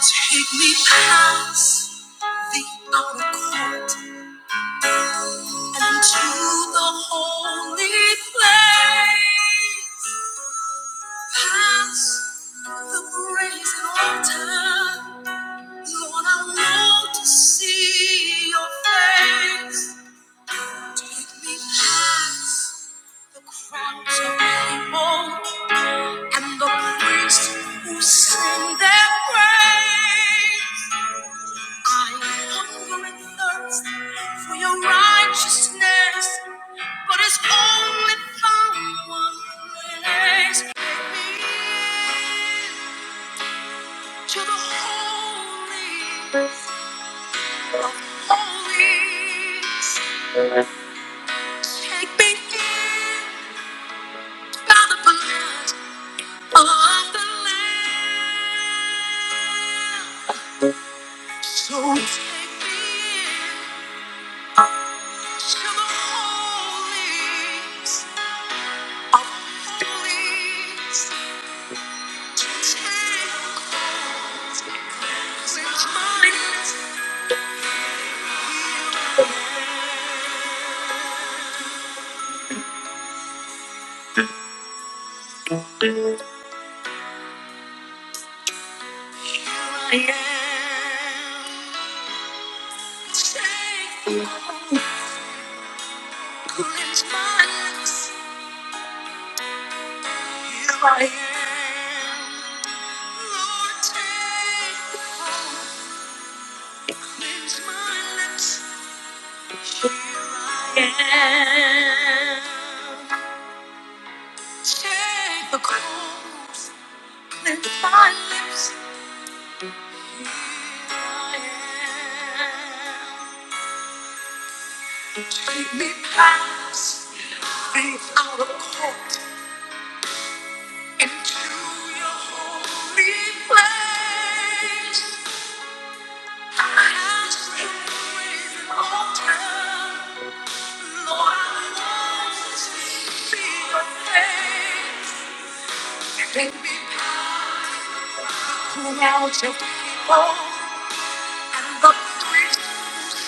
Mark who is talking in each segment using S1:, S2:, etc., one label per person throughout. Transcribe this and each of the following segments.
S1: Take me past the outer court and to the holy place. Past the brazen altar, Lord, I want to see your face. Take me past the crowds of people and the priests who sing their praise. I hunger and thirst for your righteousness, but it's only found one place. Take me to the holy, holy. Take me in by the blood of the Lamb. So take me in. To the holies of holies, to take hold and find Here I am. Take hold, cleanse my lips. Here I am. Lord, take hold, cleanse my lips. Here I am. Take the coals, lift my lips. Here I am. Take me past the outer court into your holy place. I ask you with an altar, Lord, I want to see your face. Take me past. the and and and the priests in their praise. Lord,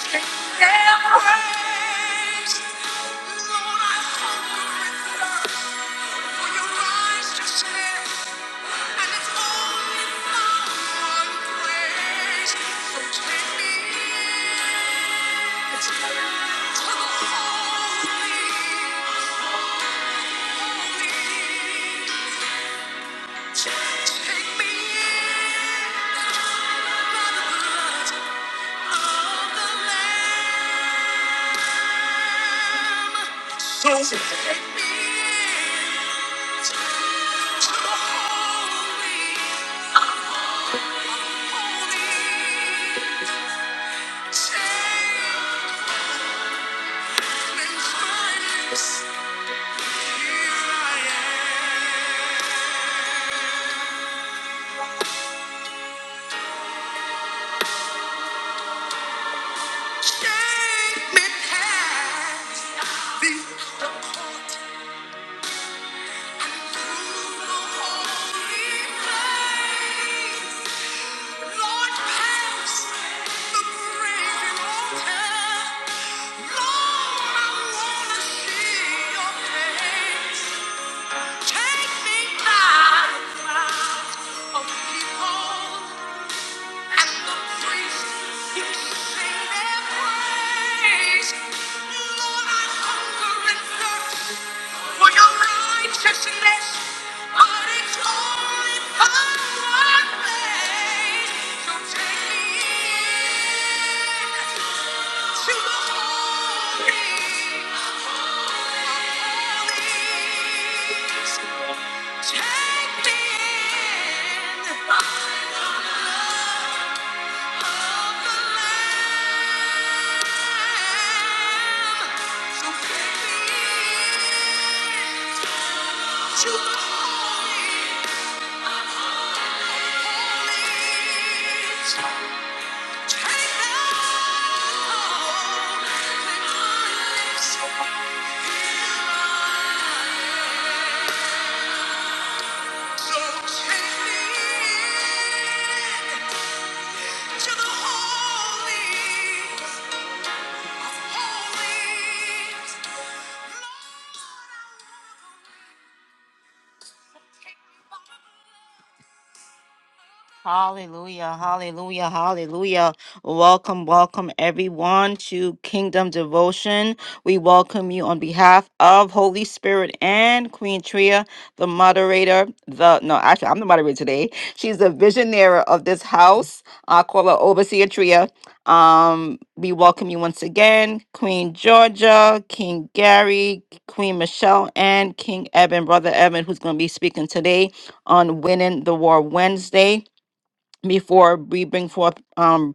S1: I hunger and thirst for Your righteousness, and It's to me, in to the holy, holy. Take me in by the blood of the Lamb. So take me in to the holy of holies. Take me in, Christ. Here I am. Shake me past the court through the holy place. Lord, pass the brazen altar. Lord, I wanna see your face. Take me by the crowd of people. Take me in. I love Take me to the holy. Holy, Lord, I wanna take you. Hallelujah, hallelujah, hallelujah. Welcome, welcome everyone to Kingdom Devotion. We welcome you on behalf of Holy Spirit and Queen Tria, the moderator. The no, actually, I'm the moderator today. She's the visionary of this house. I call her Overseer Tria. Um, we welcome you once again, Queen Georgia, King Gary, Queen Michelle, and King Evan, Brother Evan, who's going to be speaking today on Winning the War Wednesday before we bring forth um,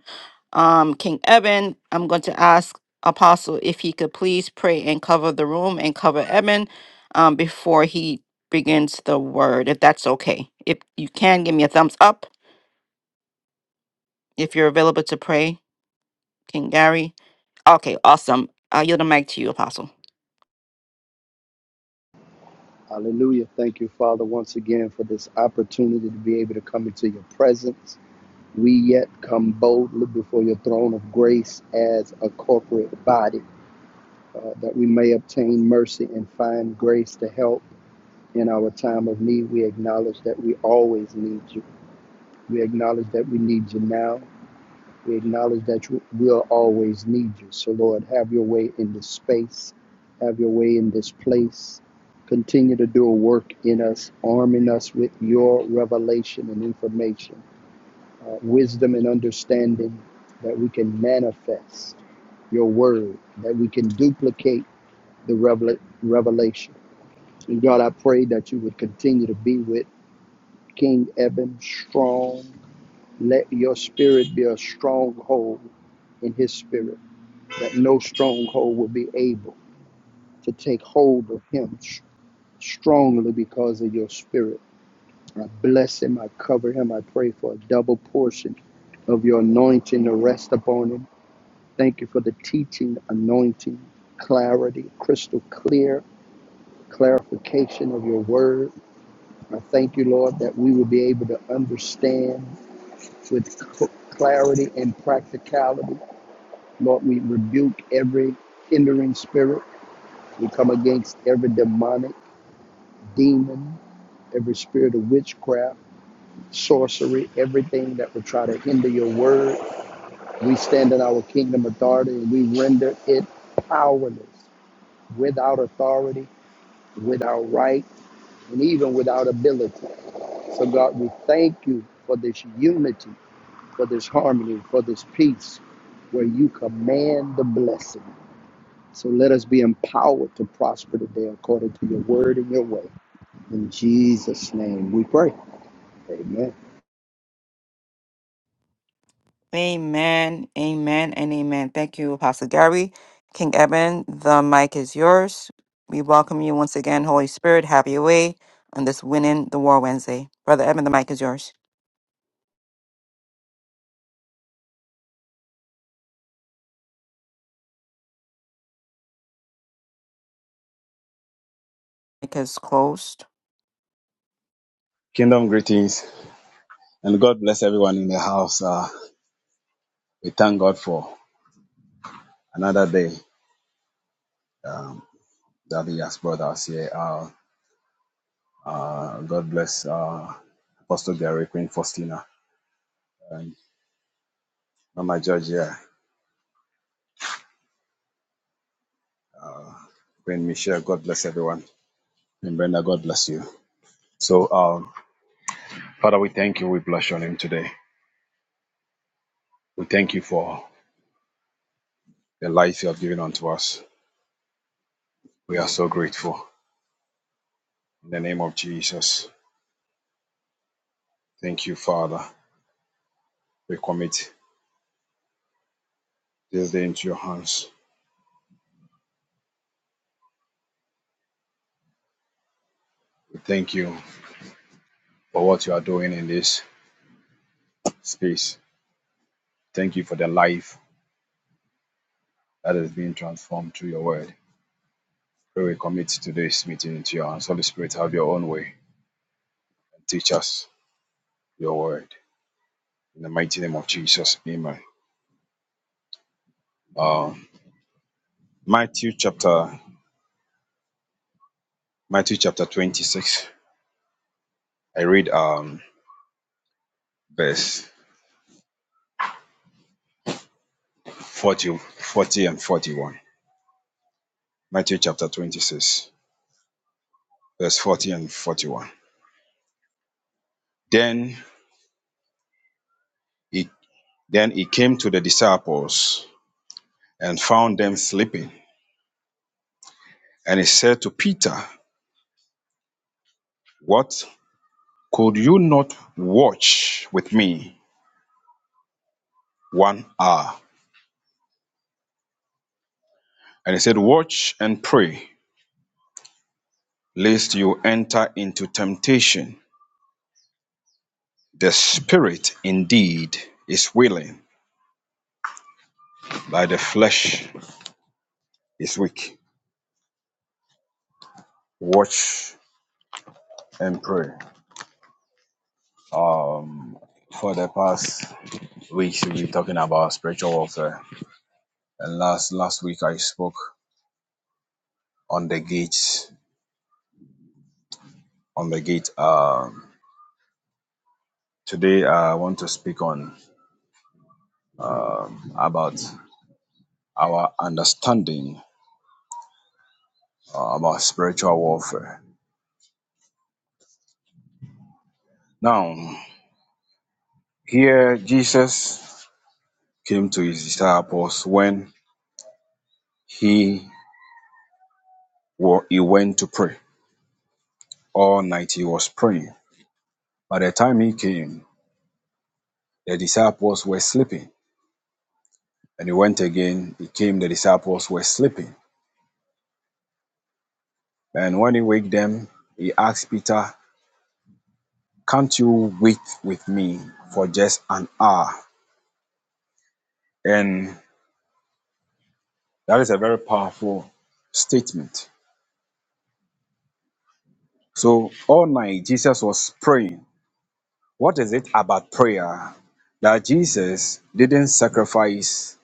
S1: um, King Eben, I'm going to ask Apostle if he could please pray and cover the room and cover Eben um, before he begins the word, if that's okay. If you can, give me a thumbs up if you're available to pray, King Gary. Okay, awesome. I'll yield the mic to you, Apostle.
S2: Hallelujah. Thank you, Father, once again for this opportunity to be able to come into your presence. We yet come boldly before your throne of grace as a corporate body uh, that we may obtain mercy and find grace to help in our time of need. We acknowledge that we always need you. We acknowledge that we need you now. We acknowledge that you will always need you. So, Lord, have your way in this space, have your way in this place. Continue to do a work in us, arming us with your revelation and information, uh, wisdom and understanding that we can manifest your word, that we can duplicate the revel- revelation. And God, I pray that you would continue to be with King Eben strong. Let your spirit be a stronghold in his spirit. that no stronghold will be able to take hold of him strongly because of your spirit. I bless him. I cover him. I pray for a double portion of your anointing to rest upon him. Thank you for the teaching, anointing, clarity, crystal clear clarification of your word. I thank you, Lord, that we will be able to understand with c- clarity and practicality. Lord, we rebuke every hindering spirit We come against every demonic demon, every spirit of witchcraft, sorcery, everything that would try to hinder your word. We stand in our kingdom authority and we render it powerless, without authority, without right, and even without ability. So, God, we thank you for this unity, for this harmony, for this peace, where you command the blessing. So let us be empowered to prosper today according to your word and your way. In Jesus' name we pray. Amen.
S1: Amen, amen, and amen. Thank you, Apostle Gary. King Eben, the mic is yours. We welcome you once again, Holy Spirit. Have your way on this Winning the War Wednesday. Brother Eben, the mic is yours. Mic is closed.
S3: Kingdom greetings and God bless everyone in the house. Uh, we thank God for another day that He has brought us here. Uh, uh, God bless uh, Apostle Gary, Queen Faustina, and Mama Georgia, Queen Michelle. God bless everyone. And Brenda, God bless you. So, um, Father, we thank you. We bless your name today. We thank you for the life you have given unto us. We are so grateful. In the name of Jesus, thank you, Father. We commit this day into your hands. We thank you for what you are doing in this space. Thank you for the life that is being transformed through your word. Pray we commit today's meeting into your hands. Holy Spirit, have your own way and teach us your word. In the mighty name of Jesus, amen. Um, Matthew chapter Matthew chapter 26. I read um, verse 40, 40 and 41. Matthew chapter 26, verse 40 and 41. Then he, then he came to the disciples and found them sleeping And he said to Peter, What? Could you not watch with me one hour? And he said, Watch and pray, lest you enter into temptation. The spirit indeed is willing, but the flesh is weak. Watch and pray. For the past weeks, we've been talking about spiritual warfare. And last last week, I spoke on the gates. On the gate. Um, today, I want to speak on about our understanding uh, about spiritual warfare. Now, here Jesus came to his disciples when he, wa- he went to pray. All night he was praying. By the time he came, the disciples were sleeping. And he went again, he came, the disciples were sleeping. And when he waked them, he asked Peter, Can't you wait with me for just an hour? And that is a very powerful statement So all night Jesus was praying. What is it about prayer that Jesus didn't sacrifice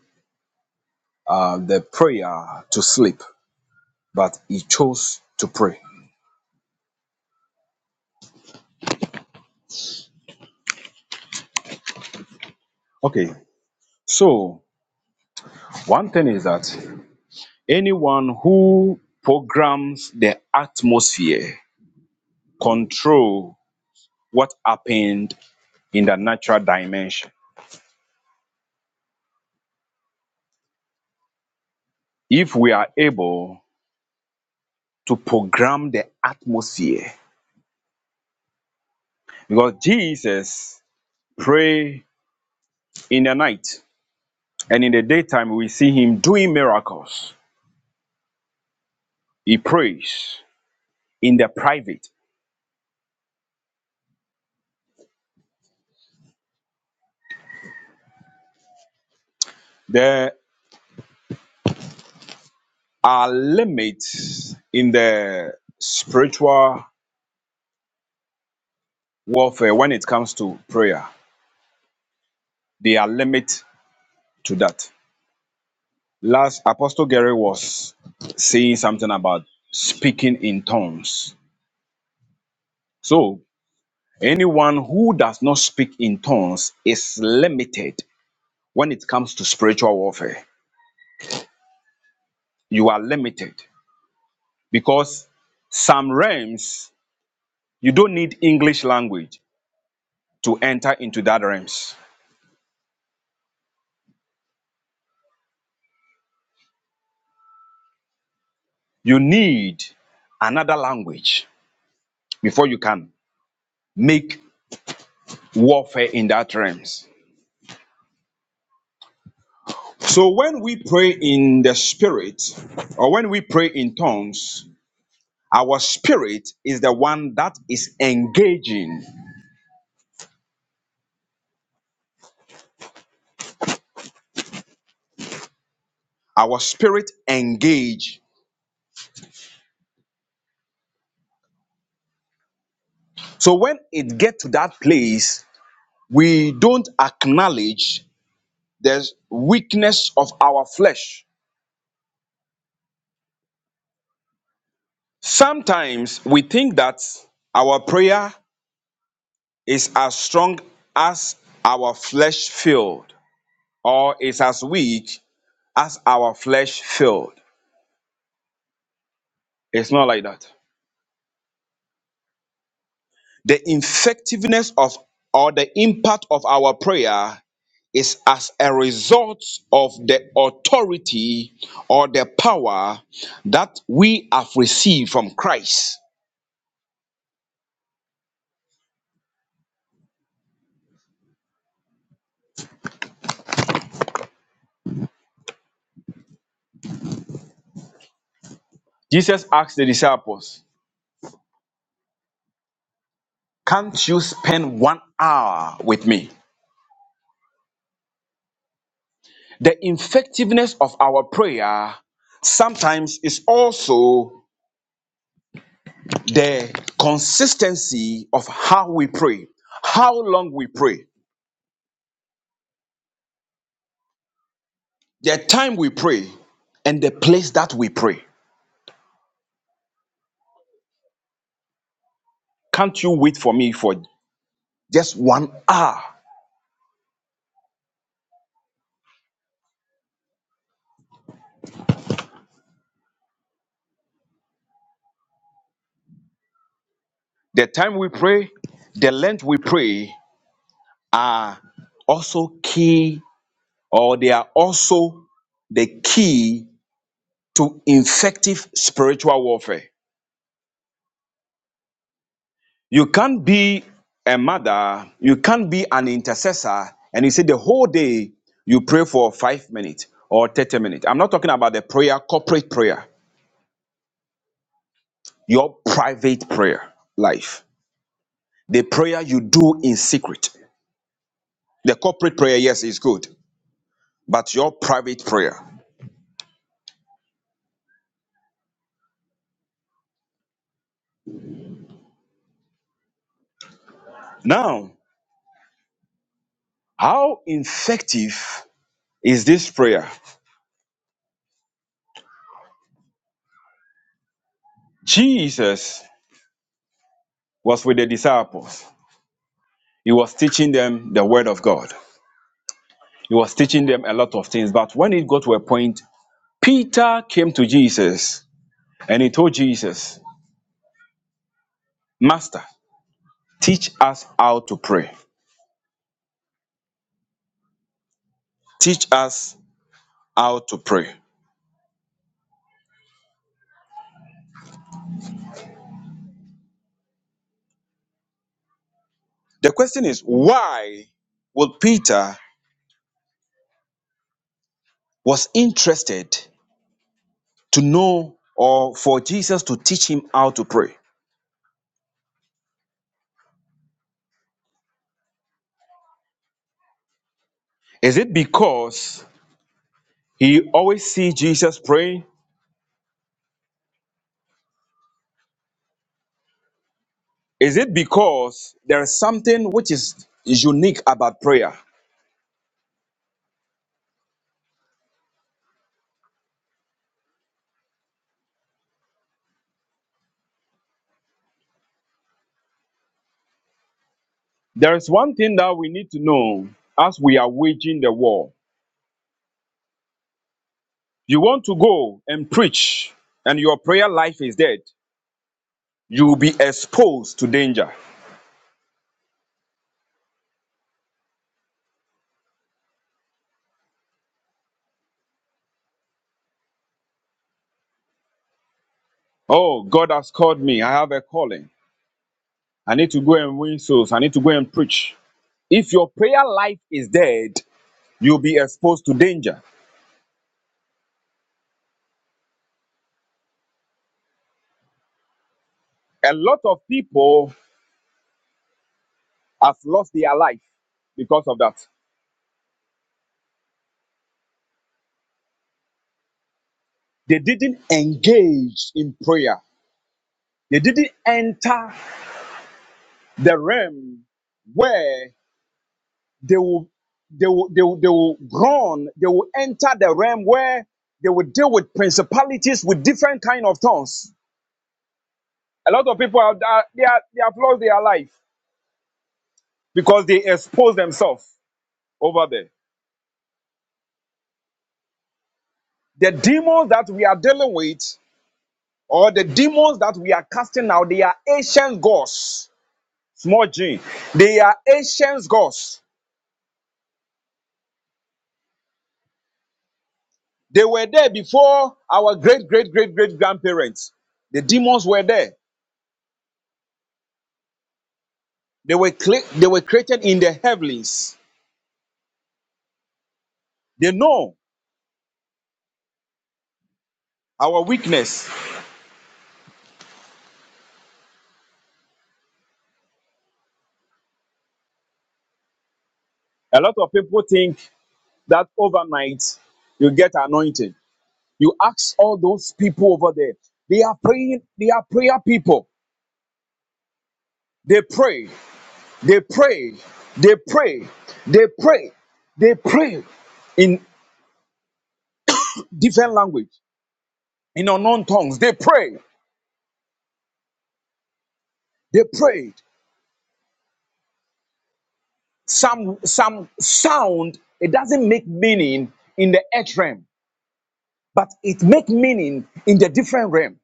S3: uh, the prayer to sleep, but he chose to pray? Okay, so one thing is that anyone who programs the atmosphere control what happened in the natural dimension. If we are able to program the atmosphere, because Jesus pray in the night and in the daytime we see him doing miracles he prays in the private there are limits in the spiritual warfare when it comes to prayer there are limits to that last apostle gary was saying something about speaking in tongues so anyone who does not speak in tongues is limited when it comes to spiritual warfare you are limited because some realms you don't need english language to enter into that realms you need another language before you can make warfare in that realms so when we pray in the spirit or when we pray in tongues our spirit is the one that is engaging our spirit engage so when it get to that place we don't acknowledge the weakness of our flesh. Sometimes we think that our prayer is as strong as our flesh field, or is as weak as our flesh field. It's not like that. The effectiveness of or the impact of our prayer is as a result of the authority or the power that we have received from Christ. Jesus asked the disciples, Can't you spend one hour with me? The effectiveness of our prayer sometimes is also the consistency of how we pray, how long we pray, the time we pray, and the place that we pray. Can't you wait for me for just one hour? The time we pray, the length we pray are also key, or they are also the key to effective spiritual warfare. You can't be a mother, you can't be an intercessor, and you say the whole day you pray for five minutes or 30 minutes. I'm not talking about the prayer, corporate prayer, your private prayer life. The prayer you do in secret. The corporate prayer, yes, is good, but your private prayer. Now, how effective is this prayer? Jesus was with the disciples He was teaching them the word of God. He was teaching them a lot of things. But when it got to a point, Peter came to Jesus and he told Jesus, Master, teach us how to pray. Teach us how to pray. The question is, why would Peter was interested to know or for Jesus to teach him how to pray? Is it because he always see Jesus praying? Is it because there is something which is unique about prayer? There is one thing that we need to know as we are waging the war. You want to go and preach, and your prayer life is dead, you will be exposed to danger. Oh, God has called me. I have a calling. I need to go and win souls. I need to go and preach. If your prayer life is dead, you'll be exposed to danger. A lot of people have lost their life because of that. They didn't engage in prayer, they didn't enter the realm where they will they will they will, they will groan they will enter the realm where they will deal with principalities with different kind of tongues a lot of people are, are- they are they have lost their life because they expose themselves over there the demons that we are dealing with or the demons that we are casting out they are ancient gods small g they are ancient gods they were there before our great great great great grandparents the demons were there They were, cre- they were created in the heavens. They know our weakness. A lot of people think that overnight you get anointed. You ask all those people over there. They are praying. They are prayer people. They pray. They pray. They pray. They pray. They pray in different language, in unknown tongues. They pray. They prayed. Some some sound. It doesn't make meaning in the earth realm but it make meaning in the different realm.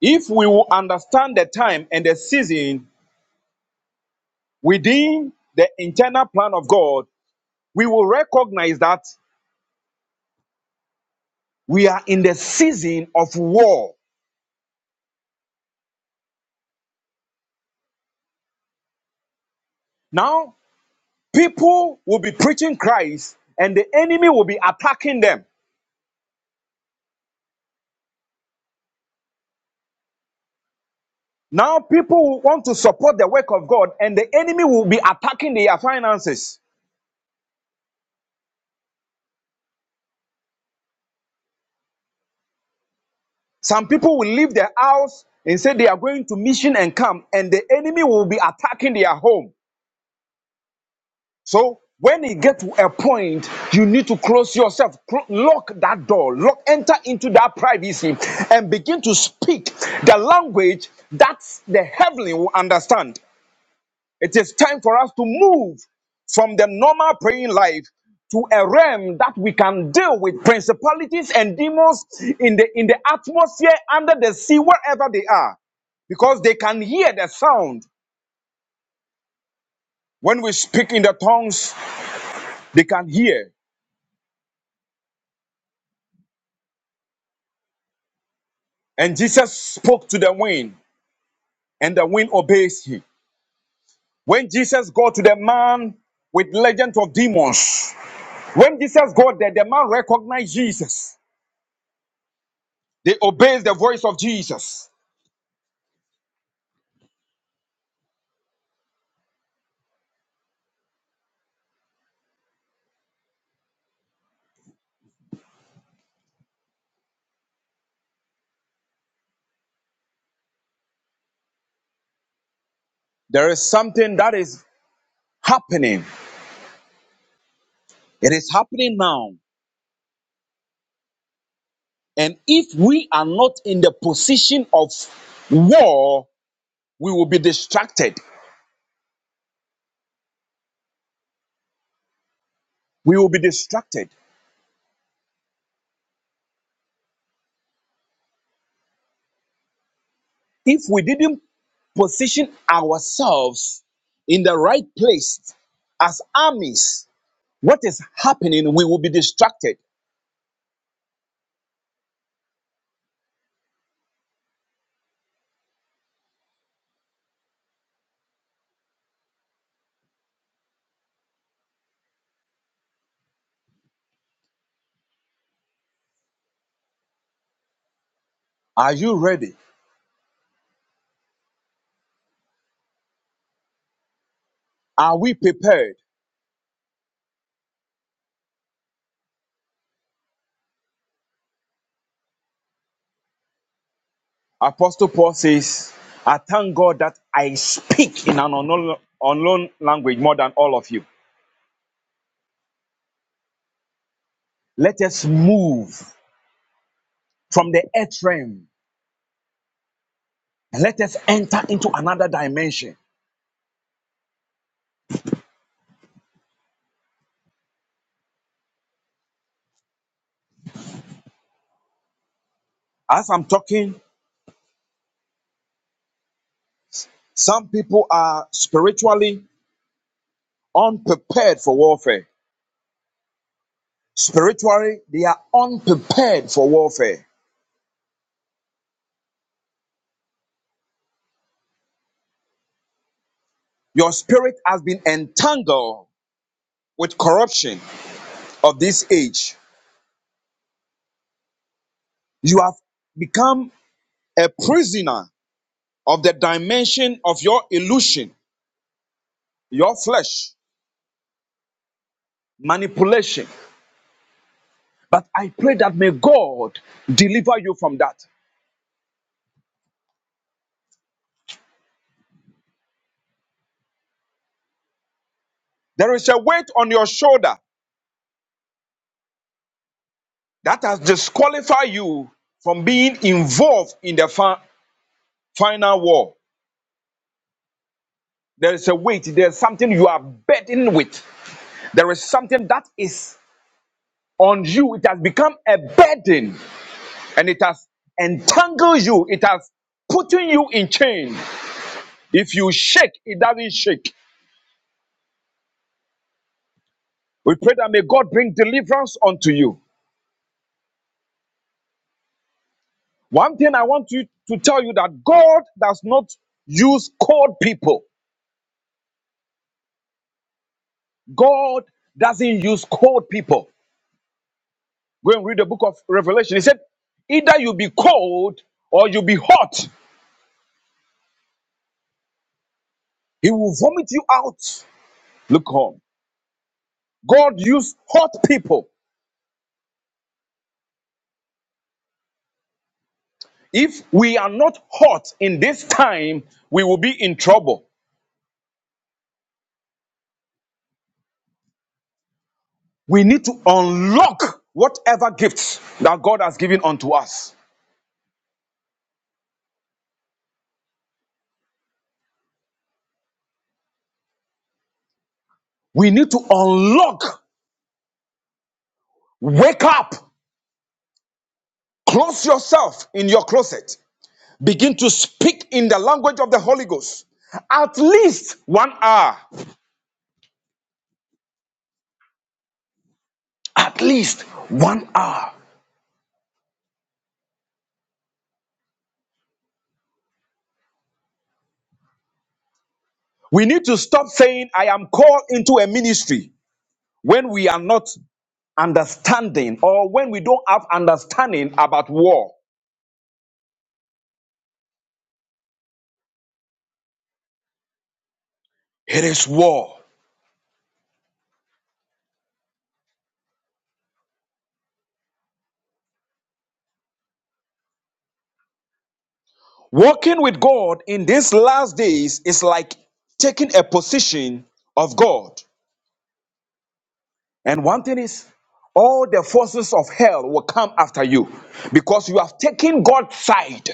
S3: If we will understand the time and the season within the internal plan of God, we will recognize that we are in the season of war. Now, people will be preaching Christ and the enemy will be attacking them. Now, people will want to support the work of God and the enemy will be attacking their finances. Some people will leave their house and say they are going to mission and come, and the enemy will be attacking their home. So when you get to a point, you need to close yourself, Clo- lock that door, lock, enter into that privacy, and begin to speak the language that the heavenly will understand. It is time for us to move from the normal praying life to a realm that we can deal with principalities and demons in the in the atmosphere, under the sea, wherever they are because they can hear the sound. When we speak in the tongues, they can hear. And Jesus spoke to the wind, and the wind obeys him. When Jesus got to the man with legend of demons, when Jesus got there, the man recognized Jesus. They obeyed the voice of Jesus. There is something that is happening. It is happening now. And if we are not in the position of war, we will be distracted. We will be distracted. If we didn't position ourselves in the right place as armies. What is happening? We will be distracted. Are you ready? Are we prepared? Apostle Paul says, I thank God that I speak in an unknown, unknown language more than all of you. Let us move from the earth realm and let us enter into another dimension. As I'm talking, some people are spiritually unprepared for warfare. Spiritually, they are unprepared for warfare. Your spirit has been entangled with corruption of this age. You have become a prisoner of the dimension of your illusion, your flesh, manipulation. But I pray that may God deliver you from that. There is a weight on your shoulder that has disqualified you from being involved in the fi- final war. There is a weight, there's something you are burdened with. There is something that is on you. It has become a burden and it has entangled you. It has putting you in chain. If you shake, it doesn't shake. We pray that may God bring deliverance unto you. One thing I want you to tell you that God does not use cold people. God doesn't use cold people. Go and read the book of Revelation. He said, either you be cold or you be hot. He will vomit you out. Look on. God used hot people. If we are not hot in this time, we will be in trouble. We need to unlock whatever gifts that God has given unto us. We need to unlock, wake up, close yourself in your closet, begin to speak in the language of the Holy Ghost. At least one hour. At least one hour. We need to stop saying, I am called into a ministry when we are not understanding or when we don't have understanding about war. It is war. Walking with God in these last days is like taking a position of God. And one thing is, all the forces of hell will come after you because you have taken God's side.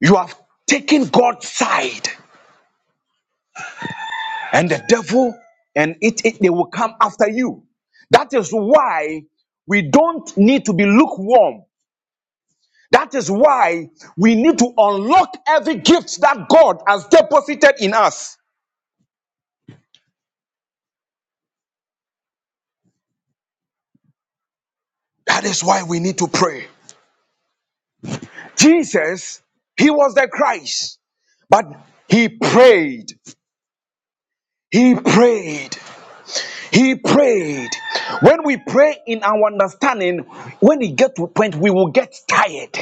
S3: You have taken God's side. And the devil and it, it they will come after you. That is why we don't need to be lukewarm. That is why we need to unlock every gift that God has deposited in us. That is why we need to pray. Jesus, he was the Christ, but he prayed. He prayed. He prayed. When we pray in our understanding, when we get to a point, we will get tired.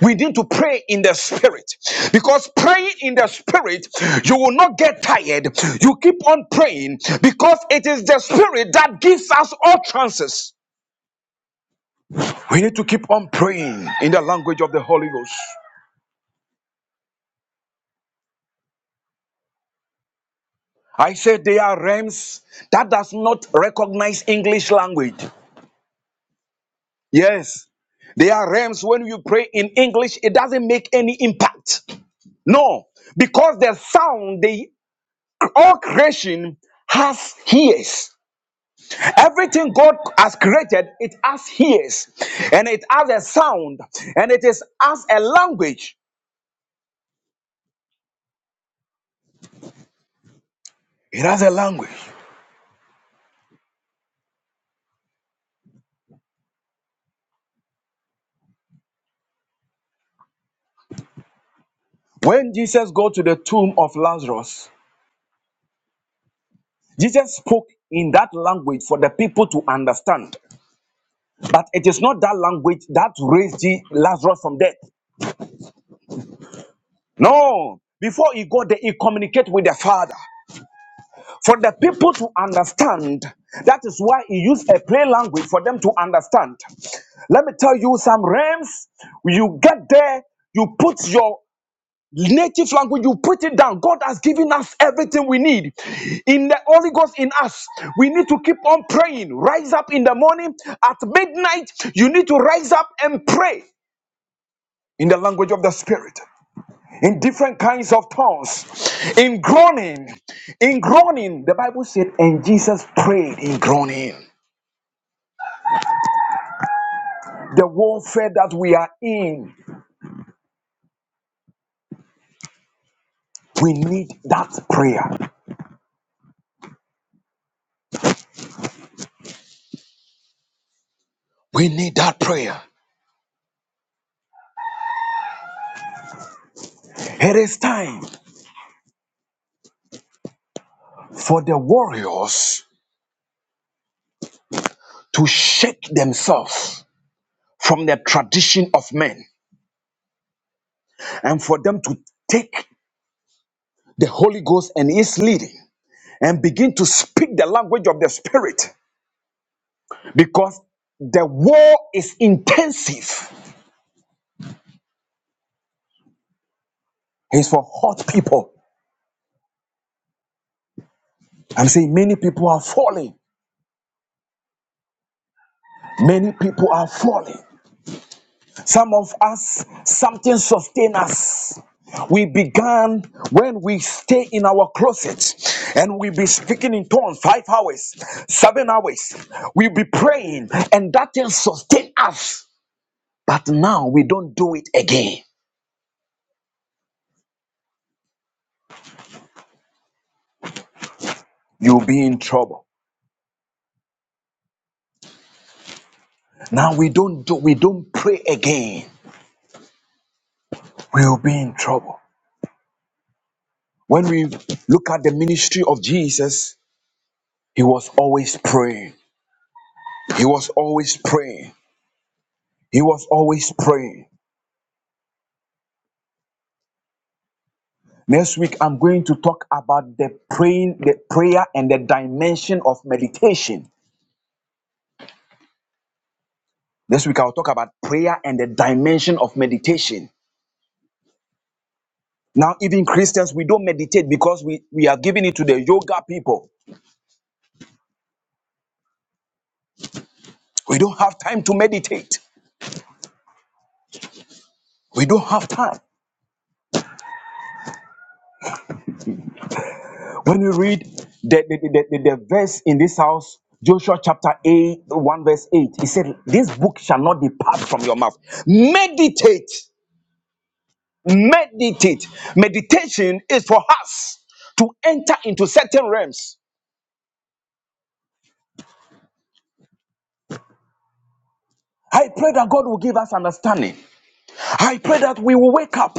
S3: We need to pray in the spirit because praying in the spirit, you will not get tired. You keep on praying because it is the spirit that gives us all chances. We need to keep on praying in the language of the Holy Ghost. I said they are realms that does not recognize English language. Yes. They are realms when you pray in English, it doesn't make any impact. No, because the sound, the all creation has ears. Everything God has created, it has ears, and it has a sound, and it is as a language. It has a language. When Jesus go to the tomb of Lazarus, Jesus spoke in that language for the people to understand. But it is not that language that raised Je- Lazarus from death. No. Before he got there, he communicated with the Father. For the people to understand, that is why he used a plain language for them to understand. Let me tell you some realms. You get there, you put your native language, you put it down. God has given us everything we need. In the Holy Ghost in us, we need to keep on praying. Rise up in the morning. At midnight, you need to rise up and pray. in the language of the spirit, in different kinds of tongues, in groaning, in groaning. The Bible said, and Jesus prayed in groaning. The warfare that we are in, we need that prayer. We need that prayer. It is time for the warriors to shake themselves from the tradition of men and for them to take the Holy Ghost and its leading and begin to speak the language of the Spirit because the war is intensive. It's for hot people. I'm saying many people are falling. Many people are falling. Some of us, something sustains us. We began when we stay in our closet and we be speaking in tongues five hours, seven hours. We be praying and that thing sustain us. But now we don't do it again. You'll be in trouble. Now we don't do we don't pray again. We'll be in trouble. When we look at the ministry of Jesus, he was always praying. He was always praying. He was always praying. Next week, I'm going to talk about the praying, the prayer and the dimension of meditation. Next week, I'll talk about prayer and the dimension of meditation. Now, even Christians, we don't meditate because we, we are giving it to the yoga people. We don't have time to meditate. We don't have time. When you read the, the, the, the, the verse in this house, Joshua chapter 8, 1 verse 8, he said, This book shall not depart from your mouth. Meditate, meditate. Meditation is for us to enter into certain realms. I pray that God will give us understanding. I pray that we will wake up.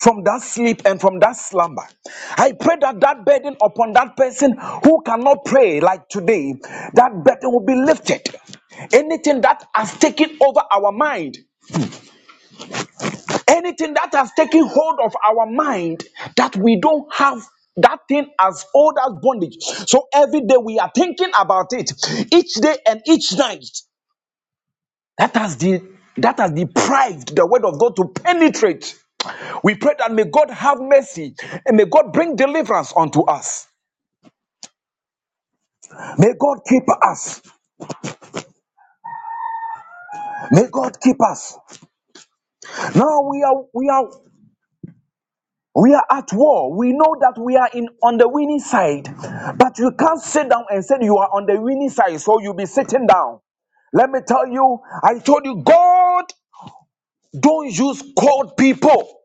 S3: from that sleep and from that slumber. I pray that that burden upon that person who cannot pray like today, that burden will be lifted. Anything that has taken over our mind, anything that has taken hold of our mind, that we don't have that thing as old as bondage. So every day we are thinking about it, each day and each night that has the that has deprived the word of God to penetrate. We pray that may God have mercy and may God bring deliverance unto us. May God keep us. May God keep us. Now we are we are we are at war. We know that we are in on the winning side, but you can't sit down and say you are on the winning side, so you'll be sitting down. Let me tell you, I told you, God don't use cold people.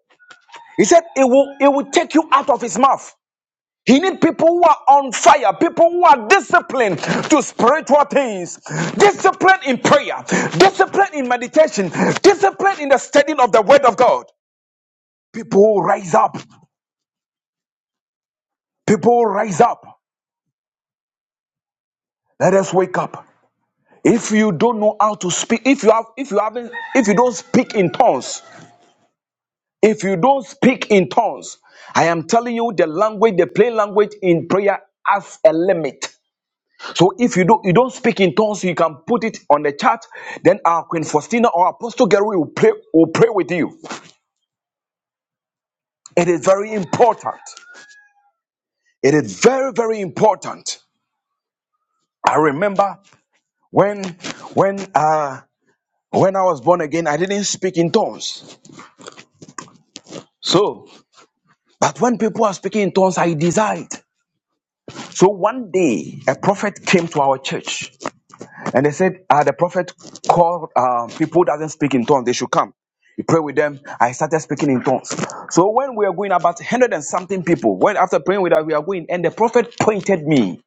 S3: He said it will it will take you out of his mouth. He need people who are on fire, people who are disciplined to spiritual things, discipline in prayer, discipline in meditation, discipline in the studying of the word of God. People who rise up. People who rise up. Let us wake up. If you don't know how to speak, if you have, if you haven't, if you don't speak in tongues, if you don't speak in tongues, I am telling you the language, the plain language in prayer has a limit. So if you do you don't speak in tongues, you can put it on the chat. Then our Queen Faustina or Apostle Gary will pray will pray with you. It is very important. It is very very important. I remember when when uh when I was born again, I didn't speak in tongues. So, but when people are speaking in tongues, I desired. So one day, a prophet came to our church And they said, uh, the prophet called uh, people doesn't speak in tongues. They should come. He prayed with them. I started speaking in tongues. So when we are going about hundred and something people, when after praying with us, we are going, and the prophet pointed me.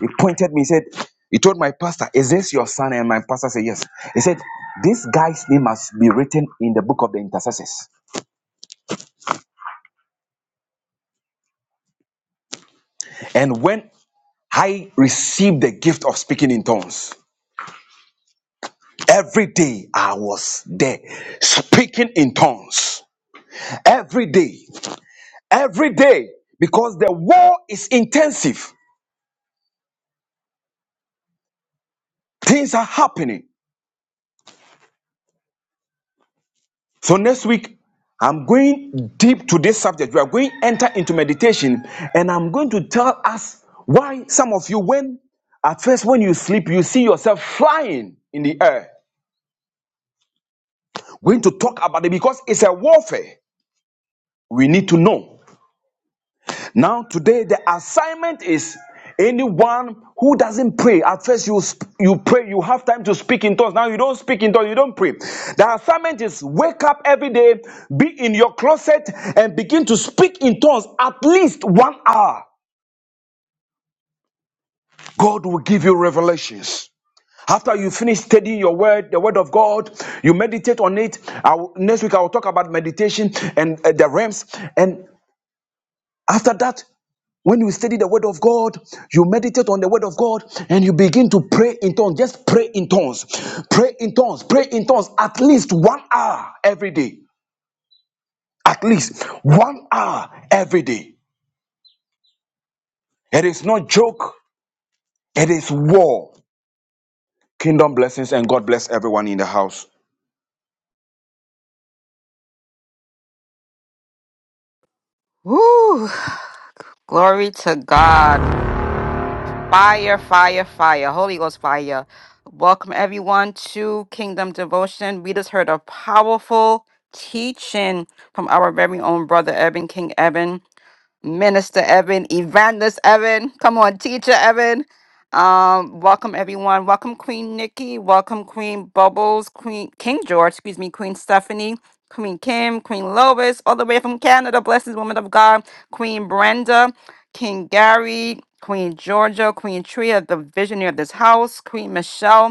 S3: He pointed me. He said, he told my pastor, "Is this your son?" And my pastor said, "Yes." He said, "This guy's name must be written in the book of the intercessors." And when I received the gift of speaking in tongues. Every day I was there speaking in tongues. Every day. every day because the war is intensive. Things are happening. So next week, I'm going deep to this subject. We are going to enter into meditation, and I'm going to tell us why some of you, when at first when you sleep, you see yourself flying in the air. We're going to talk about it because it's a warfare. We need to know. Now, today, the assignment is anyone who doesn't pray. At first, you, you pray, you have time to speak in tongues. Now, you don't speak in tongues, you don't pray. The assignment is wake up every day, be in your closet, and begin to speak in tongues at least one hour. God will give you revelations. After you finish studying your word, the word of God, you meditate on it. I will- next week I will talk about meditation and uh, the realms. And After that, when you study the word of God, you meditate on the word of God, and you begin to pray in tongues. Just pray in tongues. Pray in tongues. Pray in tongues at least one hour every day. At least one hour every day. It is not joke, it is war. Kingdom blessings and God bless everyone in the house.
S1: Woo! Glory to God. Fire, fire, fire. Holy Ghost fire. Welcome everyone to Kingdom Devotion. We just heard a powerful teaching from our very own brother Eben, King Eben. Minister Evan, Evangelist Evan, come on, Teacher Evan. Um, welcome everyone. Welcome Queen Nikki. Welcome Queen Bubbles, Queen King George, excuse me, Queen Stephanie, Queen Kim, Queen Lois, all the way from Canada. Blessings, woman of God. Queen Brenda, King Gary, Queen Georgia, Queen Tria, the visionary of this house, Queen Michelle.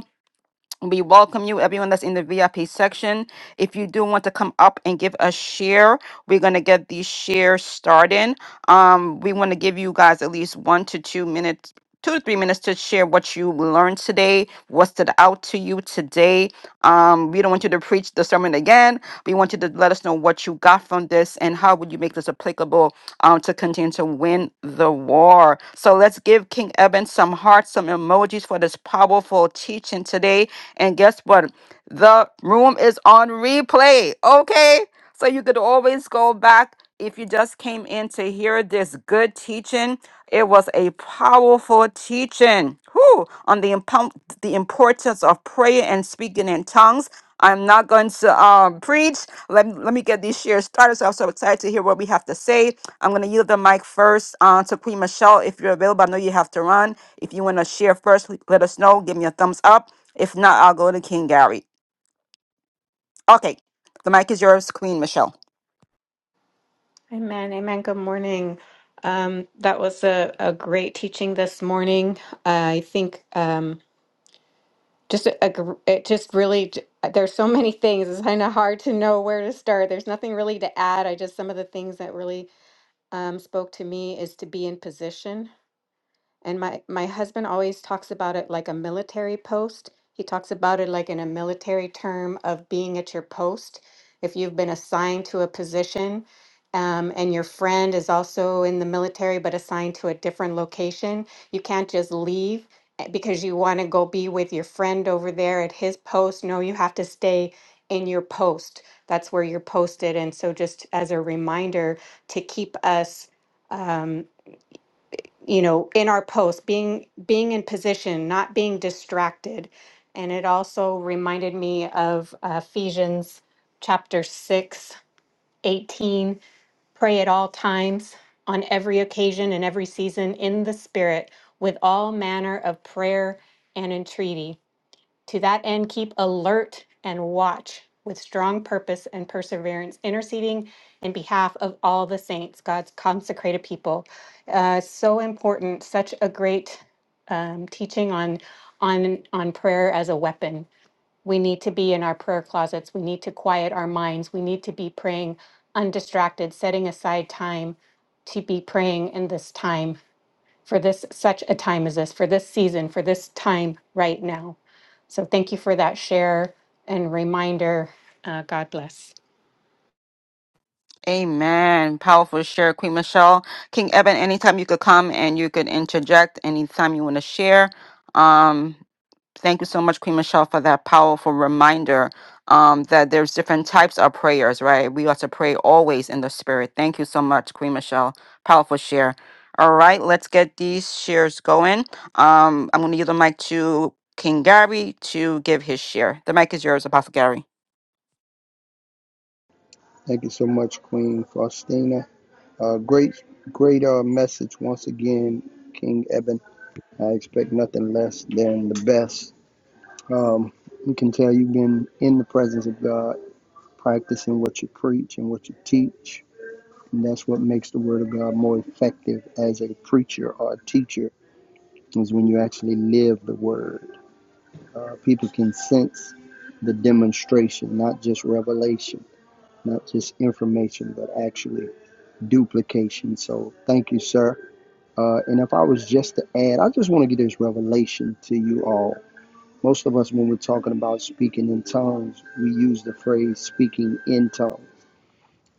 S1: We welcome you, everyone that's in the VIP section. If you do want to come up and give a share, we're going to get these shares started. Um, we want to give you guys at least one to two minutes, two to three minutes to share what you learned today, what stood out to you today. Um, we don't want you to preach the sermon again. We want you to let us know what you got from this and how would you make this applicable um, to continue to win the war. So let's give King Eben some hearts, some emojis for this powerful teaching today. And guess what? The room is on replay. Okay. So you could always go back if you just came in to hear this good teaching. It was a powerful teaching whew, on the, impom- the importance of prayer and speaking in tongues. I'm not going to um, preach. Let, me- let me get these shares started. So I'm so excited to hear what we have to say. I'm going to yield the mic first uh, to Queen Michelle. If you're available, I know you have to run. If you want to share first, l- let us know. Give me a thumbs up. If not, I'll go to King Gary. Okay, the mic is yours, Queen Michelle.
S4: Amen. Amen. Good morning. Um, that was a, a great teaching this morning. I think um, just a, a gr- it just really j- there's so many things. It's kind of hard to know where to start. There's nothing really to add. I just some of the things that really um, spoke to me is to be in position and my my husband always talks about it like a military post. He talks about it like in a military term of being at your post. If you've been assigned to a position, um, and your friend is also in the military but assigned to a different location, you can't just leave eh, because you want to go be with your friend over there at his post. No, you have to stay in your post. That's where you're posted. And so, just as a reminder to keep us. um, you know in our post being being in position not being distracted and it also reminded me of ephesians chapter 6, 18: pray at all times on every occasion and every season in the spirit with all manner of prayer and entreaty to that end, keep alert and watch with strong purpose and perseverance, interceding in behalf of all the saints, God's consecrated people. Uh, so important, such a great um, teaching on on on prayer as a weapon. We need to be in our prayer closets. We need to quiet our minds. We need to be praying undistracted, setting aside time to be praying in this time for this such a time as this, for this season, for this time right now. So thank you for that share and reminder. Uh, God bless.
S1: Amen. Powerful share, Queen Michelle. King Eben, anytime you could come and you could interject anytime you want to share. Um, thank you so much, Queen Michelle, for that powerful reminder um, that there's different types of prayers, right? We ought to pray always in the spirit. Thank you so much, Queen Michelle. Powerful share. All right, let's get these shares going. Um, I'm going to yield the mic to King Gary to give his share. The mic is yours, Apostle Gary.
S2: Thank you so much, Queen Faustina. Uh, great, great uh, message once again, King Eben. I expect nothing less than the best. Um, you can tell you've been in the presence of God, practicing what you preach and what you teach. And that's what makes the Word of God more effective as a preacher or a teacher, is when you actually live the Word. Uh, people can sense the demonstration, not just revelation not just information, but actually duplication. So thank you, sir. Uh, and if I was just to add, I just want to give this revelation to you all. Most of us, when we're talking about speaking in tongues, we use the phrase speaking in tongues.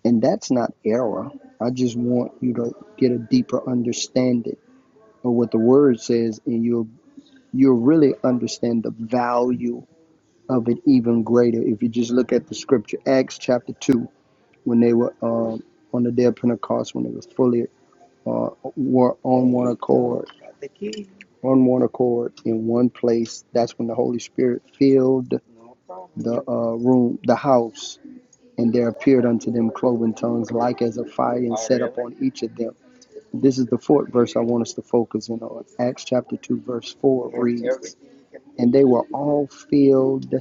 S2: And that's not error. I just want you to get a deeper understanding of what the word says, and you'll you'll really understand the value of it even greater if you just look at the scripture. Acts chapter two, when they were um, on the day of Pentecost, when they were fully uh, were on one accord, on one accord in one place. That's when the Holy Spirit filled the uh, room, the house, and there appeared unto them cloven tongues like as a fire and set upon each of them. This is the fourth verse I want us to focus in on. Acts chapter 2, verse 4 reads, And they were all filled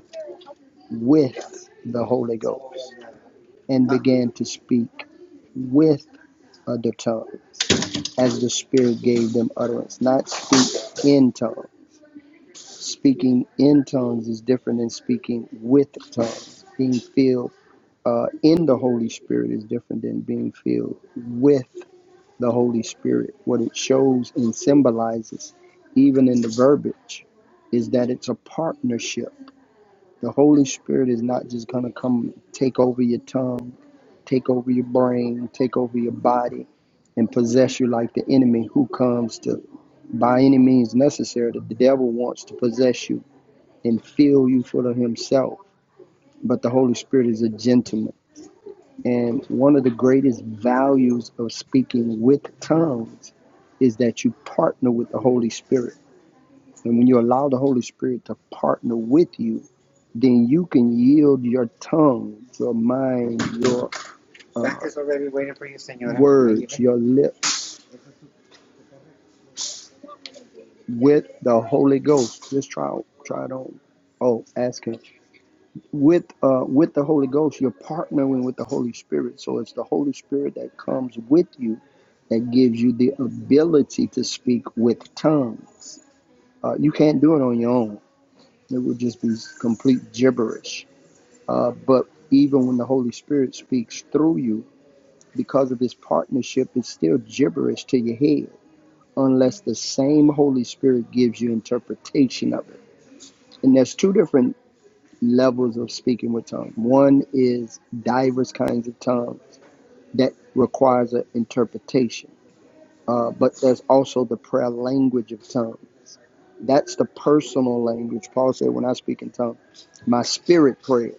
S2: with the Holy Ghost and began to speak with other tongues as the Spirit gave them utterance, not speak in tongues. Speaking in tongues is different than speaking with tongues. Being filled uh, in the Holy Spirit is different than being filled with the Holy Spirit. What it shows and symbolizes, even in the verbiage, is that it's a partnership. The Holy Spirit is not just going to come take over your tongue take over your brain, take over your body, and possess you like the enemy who comes to, by any means necessary, that the devil wants to possess you and fill you full of himself. But the Holy Spirit is a gentleman. And one of the greatest values of speaking with tongues is that you partner with the Holy Spirit. And when you allow the Holy Spirit to partner with you, then you can yield your tongue, your mind, your words, your lip with the Holy Ghost. Just try try it on. Oh, ask him. With uh with the Holy Ghost, you're partnering with the Holy Spirit. So it's the Holy Spirit that comes with you that gives you the ability to speak with tongues. Uh, you can't do it on your own. It would just be complete gibberish. Uh, but even when the Holy Spirit speaks through you, because of this partnership, it's still gibberish to your head unless the same Holy Spirit gives you interpretation of it. And there's two different levels of speaking with tongues. One is diverse kinds of tongue that requires an interpretation. Uh, but there's also the prayer language of tongue. That's the personal language. Paul said, when I speak in tongues, my spirit prayer.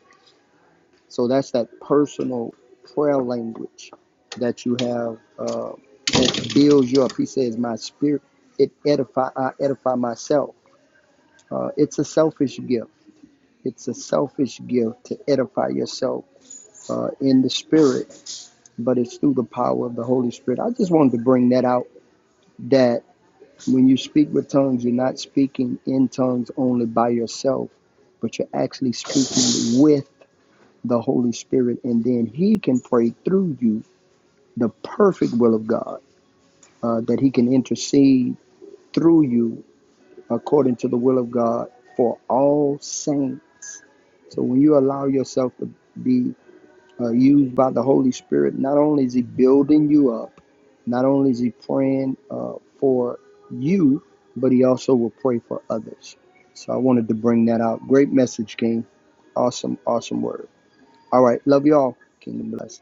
S2: So that's that personal prayer language that you have uh, that builds you up. He says, my spirit, it edify, I edify myself Uh, it's a selfish gift. It's a selfish gift to edify yourself uh, in the spirit, but it's through the power of the Holy Spirit. I just wanted to bring that out that when you speak with tongues, you're not speaking in tongues only by yourself, but you're actually speaking with the Holy Spirit, and then He can pray through you the perfect will of God, uh, that He can intercede through you according to the will of God for all saints. So when you allow yourself to be uh, used by the Holy Spirit, not only is He building you up, not only is He praying uh, for you, but He also will pray for others. So I wanted to bring that out. Great message, King. Awesome, awesome word. All right, love y'all. Kingdom bless.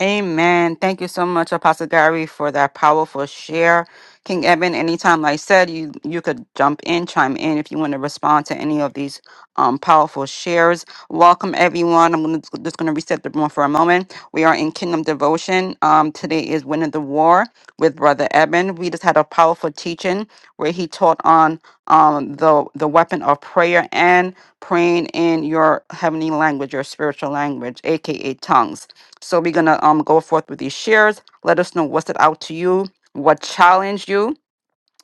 S1: Amen. Thank you so much, Apostle Gary, for that powerful share. King Eben, anytime, like I said, you you could jump in, chime in if you want to respond to any of these um, powerful shares. Welcome, everyone. I'm gonna, just going to reset the room for a moment. We are in Kingdom Devotion. Um, today is Winning the War with Brother Eben. We just had a powerful teaching where he taught on um, the the weapon of prayer and praying in your heavenly language, your spiritual language, aka tongues. So we're gonna um go forth with these shares. Let us know what's it out to you, what challenged you,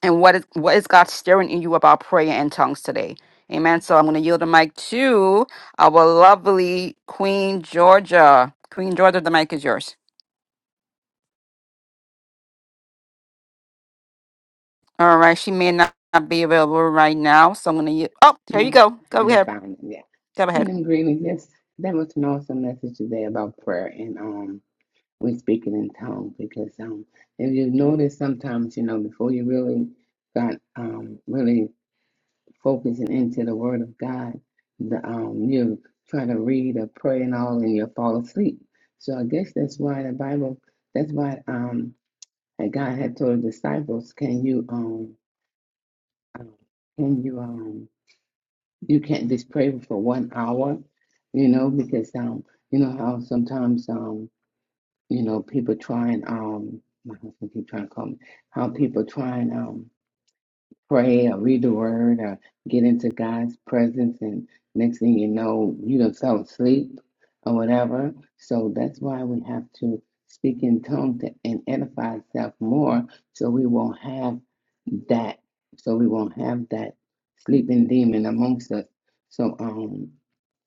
S1: and what is what is God stirring in you about prayer and tongues today. Amen. So I'm gonna yield the mic to our lovely Queen Georgia. Queen Georgia, the mic is yours. All right, she may not be available right now, so I'm gonna. y- Oh, here you
S5: No,
S1: go.
S5: I
S1: Go
S5: had to
S1: ahead.
S5: find them. Yeah.
S1: Go ahead.
S5: Kingdom greetings. Yes, that was an awesome message today about prayer and um we speaking in tongues because um if you notice sometimes, you know, before you really got um really focusing into the word of God, the um you try to read or pray and all and you'll fall asleep. So I guess that's why the Bible that's why um and God had told the disciples, Can you um um, can you um you can't just pray for one hour, you know, because um, you know how sometimes um, you know, people try and um, my husband keep trying to call me, how people try and um, pray or read the word or get into God's presence and next thing you know you done fell asleep or whatever. So that's why we have to speak in tongues to- and edify ourselves more so we won't have that so we won't have that sleeping demon amongst us. So um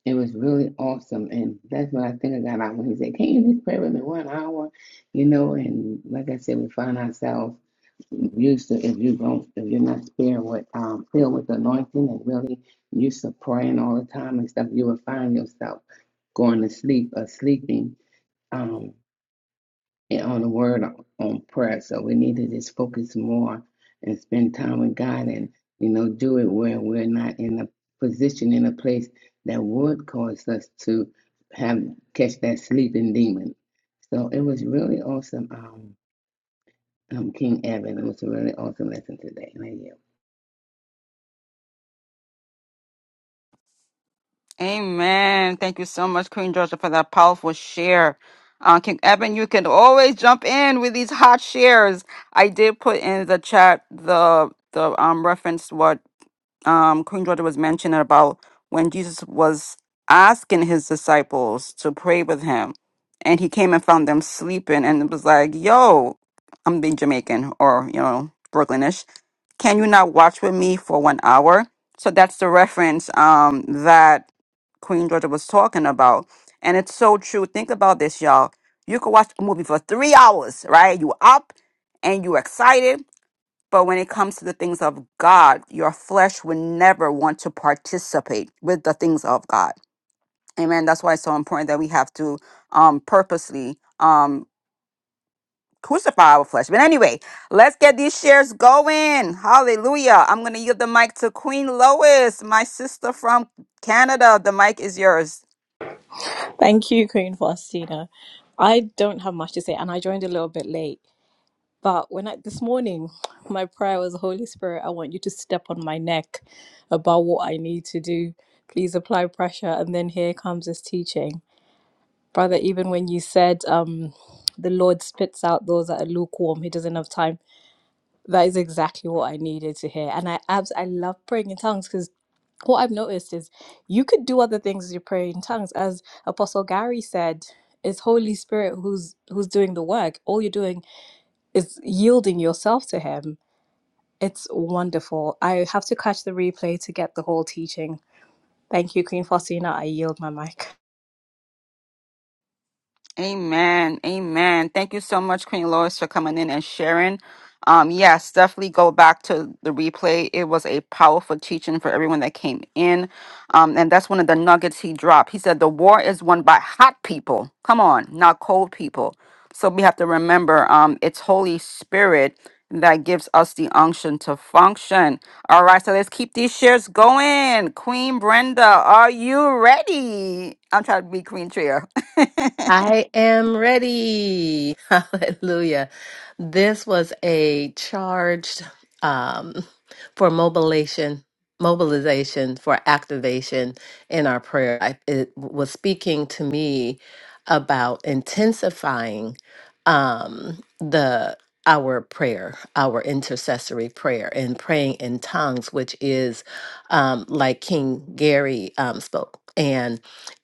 S5: it was really awesome and that's what I think I got out when he said, Can you just pray with me one hour? You know, and like I said, we find ourselves use the if you don't if you're not scared with um filled with anointing and really used to praying all the time and stuff, you will find yourself going to sleep or sleeping um and on the word on on prayer. So we need to just focus more and spend time with God and you know do it where we're not in a position in a place that would cause us to have catch that sleeping demon. So it was really awesome, um, um King Evan. It was a really awesome lesson today. Thank you.
S1: Amen. Thank you so much, Queen Georgia, for that powerful share. Uh, King Eben, you can always jump in with these hot shares. I did put in the chat the the um reference what um, Queen Georgia was mentioning about when Jesus was asking his disciples to pray with him, and he came and found them sleeping, and it was like, "Yo, I'm being Jamaican or you know Brooklynish. Can you not watch with me for one hour?" So that's the reference um, that Queen Georgia was talking about, and it's so true. Think about this, y'all. You could watch a movie for three hours, right? You up and you excited but when it comes to the things of God, your flesh will never want to participate with the things of God. Amen. That's why it's so important that we have to um, purposely um, crucify our flesh. But anyway, let's get these shares going. Hallelujah. I'm going to yield the mic to Queen Lois, my sister from Canada. The mic is yours.
S6: Thank you, Queen Faustina. I don't have much to say, and I joined a little bit late. But when I this morning, my prayer was, Holy Spirit, I want you to step on my neck about what I need to do. Please apply pressure. And then here comes this teaching. Brother, even when you said um the Lord spits out those that are lukewarm, he doesn't have time that is exactly what I needed to hear. And I abs I love praying in tongues because what I've noticed is you could do other things as you pray in tongues. As Apostle Gary said, it's Holy Spirit who's who's doing the work. All you're doing is yielding yourself to him. It's wonderful. I have to catch the replay to get the whole teaching. Thank you, Queen Faustina. I yield my mic.
S1: Amen. Amen. Thank you so much, Queen Lois, for coming in and sharing. Um, yes, definitely go back to the replay. It was a powerful teaching for everyone that came in. Um, and that's one of the nuggets he dropped. He said, The war is won by hot people. Come on, not cold people. So we have to remember um, it's Holy Spirit that gives us the unction to function. All right, so let's keep these shares going. Queen Brenda, are you ready? I'm trying to be Queen Tria.
S7: I am ready. Hallelujah. This was a charged um, for mobilization, mobilization for activation in our prayer. I, it was speaking to me about intensifying um, the our prayer, our intercessory prayer, and praying in tongues, which is um, like King Gary um, spoke.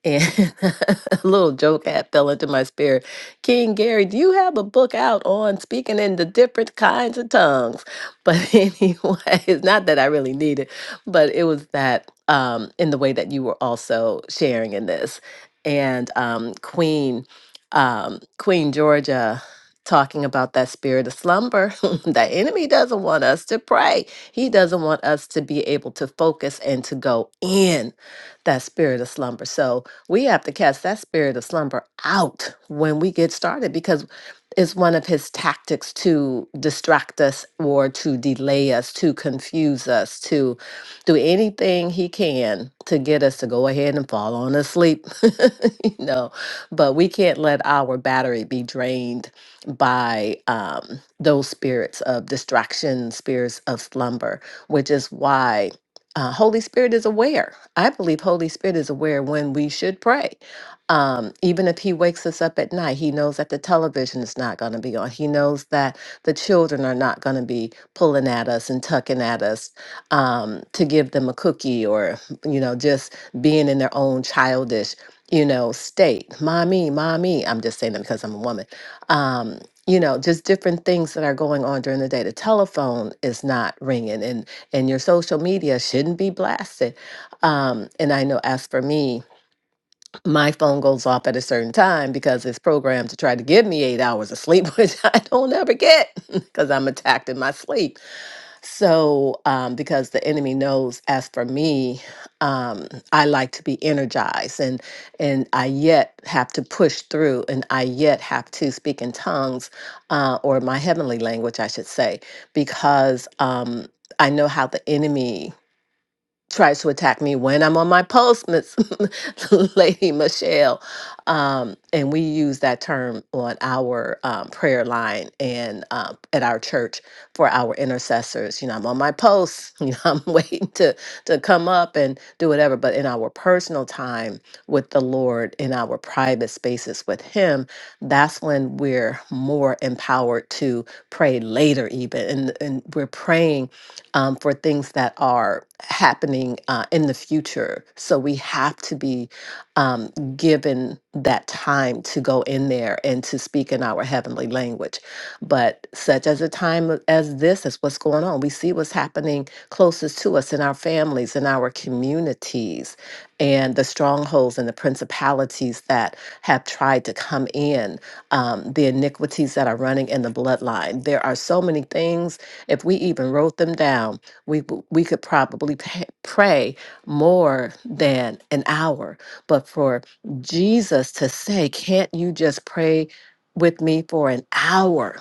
S7: And a little joke had fell into my spirit. King Gary, do you have a book out on speaking in the different kinds of tongues? But anyway, it's not that I really need it, but it was that um, in the way that you were also sharing in this. And um, Queen, um, Queen Georgia talking about that spirit of slumber. the enemy doesn't want us to pray. He doesn't want us to be able to focus and to go in that spirit of slumber. So we have to cast that spirit of slumber out when we get started because it's one of his tactics to distract us or to delay us, to confuse us, to do anything he can to get us to go ahead and fall on asleep. you know, but we can't let our battery be drained by um, those spirits of distraction, spirits of slumber, which is why uh, Holy Spirit is aware. I believe Holy Spirit is aware when we should pray. Um, even if He wakes us up at night, He knows that the television is not going to be on. He knows that the children are not going to be pulling at us and tucking at us um, to give them a cookie or, you know, just being in their own childish, you know, state. Mommy, mommy. I'm just saying that because I'm a woman. Um, you know, just different things that are going on during the day. The telephone is not ringing, and and your social media shouldn't be blasted. Um, and I know, as for me, my phone goes off at a certain time because it's programmed to try to give me eight hours of sleep, which I don't ever get because I'm attacked in my sleep. So, um, because the enemy knows, as for me, um, I like to be energized, and and I yet have to push through, and I yet have to speak in tongues, uh, or my heavenly language, I should say, because um, I know how the enemy tries to attack me when I'm on my post, Miss Lady Michelle. Um, and we use that term on our um, prayer line and um, at our church for our intercessors. You know, I'm on my post. You know, I'm waiting to to come up and do whatever. But in our personal time with the Lord, in our private spaces with Him, that's when we're more empowered to pray later, even. And and we're praying um, for things that are happening uh, in the future. So we have to be um, given that time to go in there and to speak in our heavenly language. But such as a time as this is what's going on. We see what's happening closest to us in our families, in our communities, and the strongholds and the principalities that have tried to come in, um, the iniquities that are running in the bloodline. There are so many things if we even wrote them down, we w- we could probably pa- pray more than an hour. But for Jesus to say, "Can't you just pray with me for an hour?"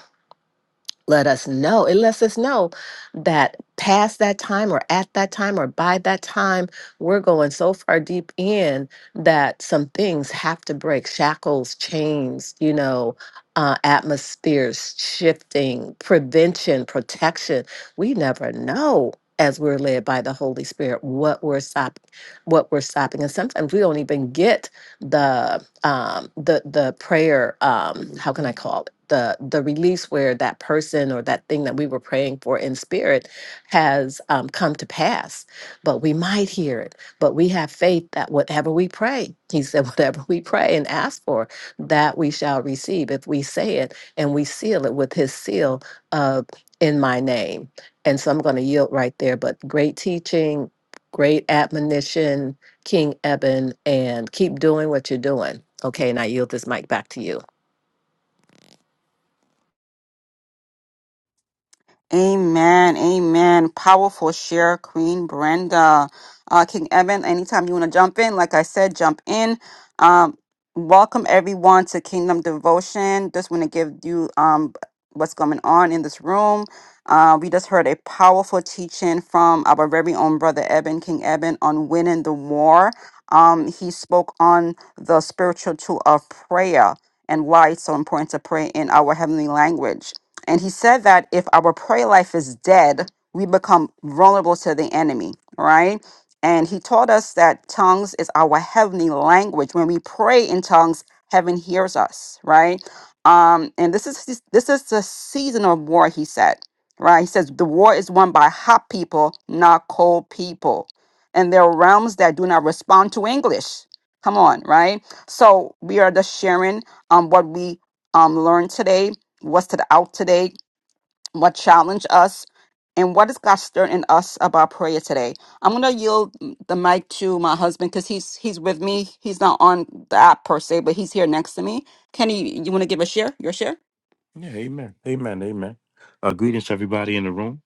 S7: let us know. It lets us know that past that time or at that time or by that time, we're going so far deep in that some things have to break shackles, chains, you know, uh, atmospheres shifting, prevention, protection. We never know as we're led by the Holy Spirit what we're stopping, what we're stopping. And sometimes we don't even get the um the the prayer um how can I call it the the release where that person or that thing that we were praying for in spirit has um, come to pass. But we might hear it, but we have faith that whatever we pray, he said, whatever we pray and ask for, that we shall receive if we say it and we seal it with his seal of in my name. And so I'm going to yield right there. But great teaching, great admonition King Eben, and keep doing what you're doing. Okay, and I yield this mic back to you.
S1: Amen. Amen. Powerful share, Queen Brenda. Uh, King Evan, anytime you want to jump in, like I said, jump in. Um, welcome everyone to Kingdom Devotion. Just want to give you um what's going on in this room. Uh, we just heard a powerful teaching from our very own brother Eben, King Eben, on winning the war. Um, he spoke on the spiritual tool of prayer and why it's so important to pray in our heavenly language. And he said that if our prayer life is dead, we become vulnerable to the enemy, right? And he taught us that tongues is our heavenly language. When we pray in tongues, heaven hears us, right? Um, and this is this is the season of war, he said, right? He says the war is won by hot people, not cold people. And there are realms that do not respond to English. Come on, right? So we are just sharing um, what we um, learned today what's to the out today, what challenged us, and what is God stirring in us about prayer today. I'm gonna yield the mic to my husband because he's he's with me. He's not on the app per se, but he's here next to me. Kenny, you want to give a share? Your share? Yeah, amen. Amen. Amen. Uh, greetings to everybody in the room.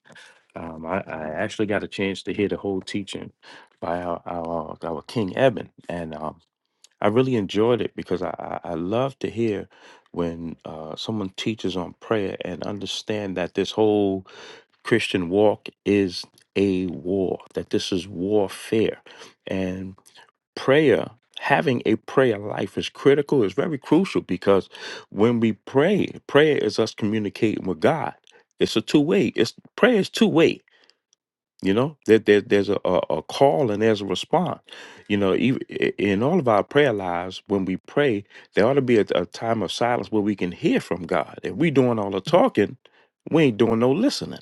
S1: Um, I, I actually got a chance to hear the whole teaching by our, our, our King Eben. And um, I really enjoyed it because I, I, I love to hear when uh, someone teaches on prayer and understand that this whole Christian walk is a war, that this is warfare. And prayer, having a prayer life is critical, is very crucial because when we pray, prayer is us communicating with God. It's a two way. It's prayer is two way. You know, there, there, there's a, a, a call and there's a response. You know, even in all of our prayer lives, when we pray, there ought to be a, a time of silence where we can hear from God. If we doing all the talking, we ain't doing no listening.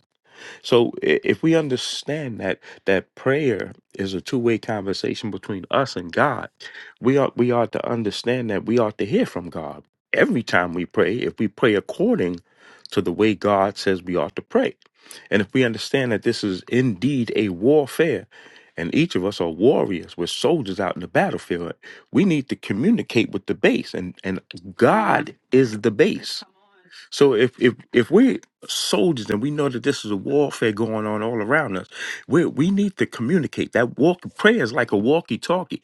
S1: So i- if we understand that that prayer is a two-way conversation between us and God, we ought we ought to understand that we ought to hear from God every time we pray. If we pray according to the way God says we ought to pray, and if we understand that this is indeed a warfare, and each of us are warriors, we're soldiers out in the battlefield. We need to communicate with the base, and and God is the base. So if if if we're soldiers and we know that this is a warfare going on all around us, we we need to communicate. That walk prayer is like a walkie-talkie.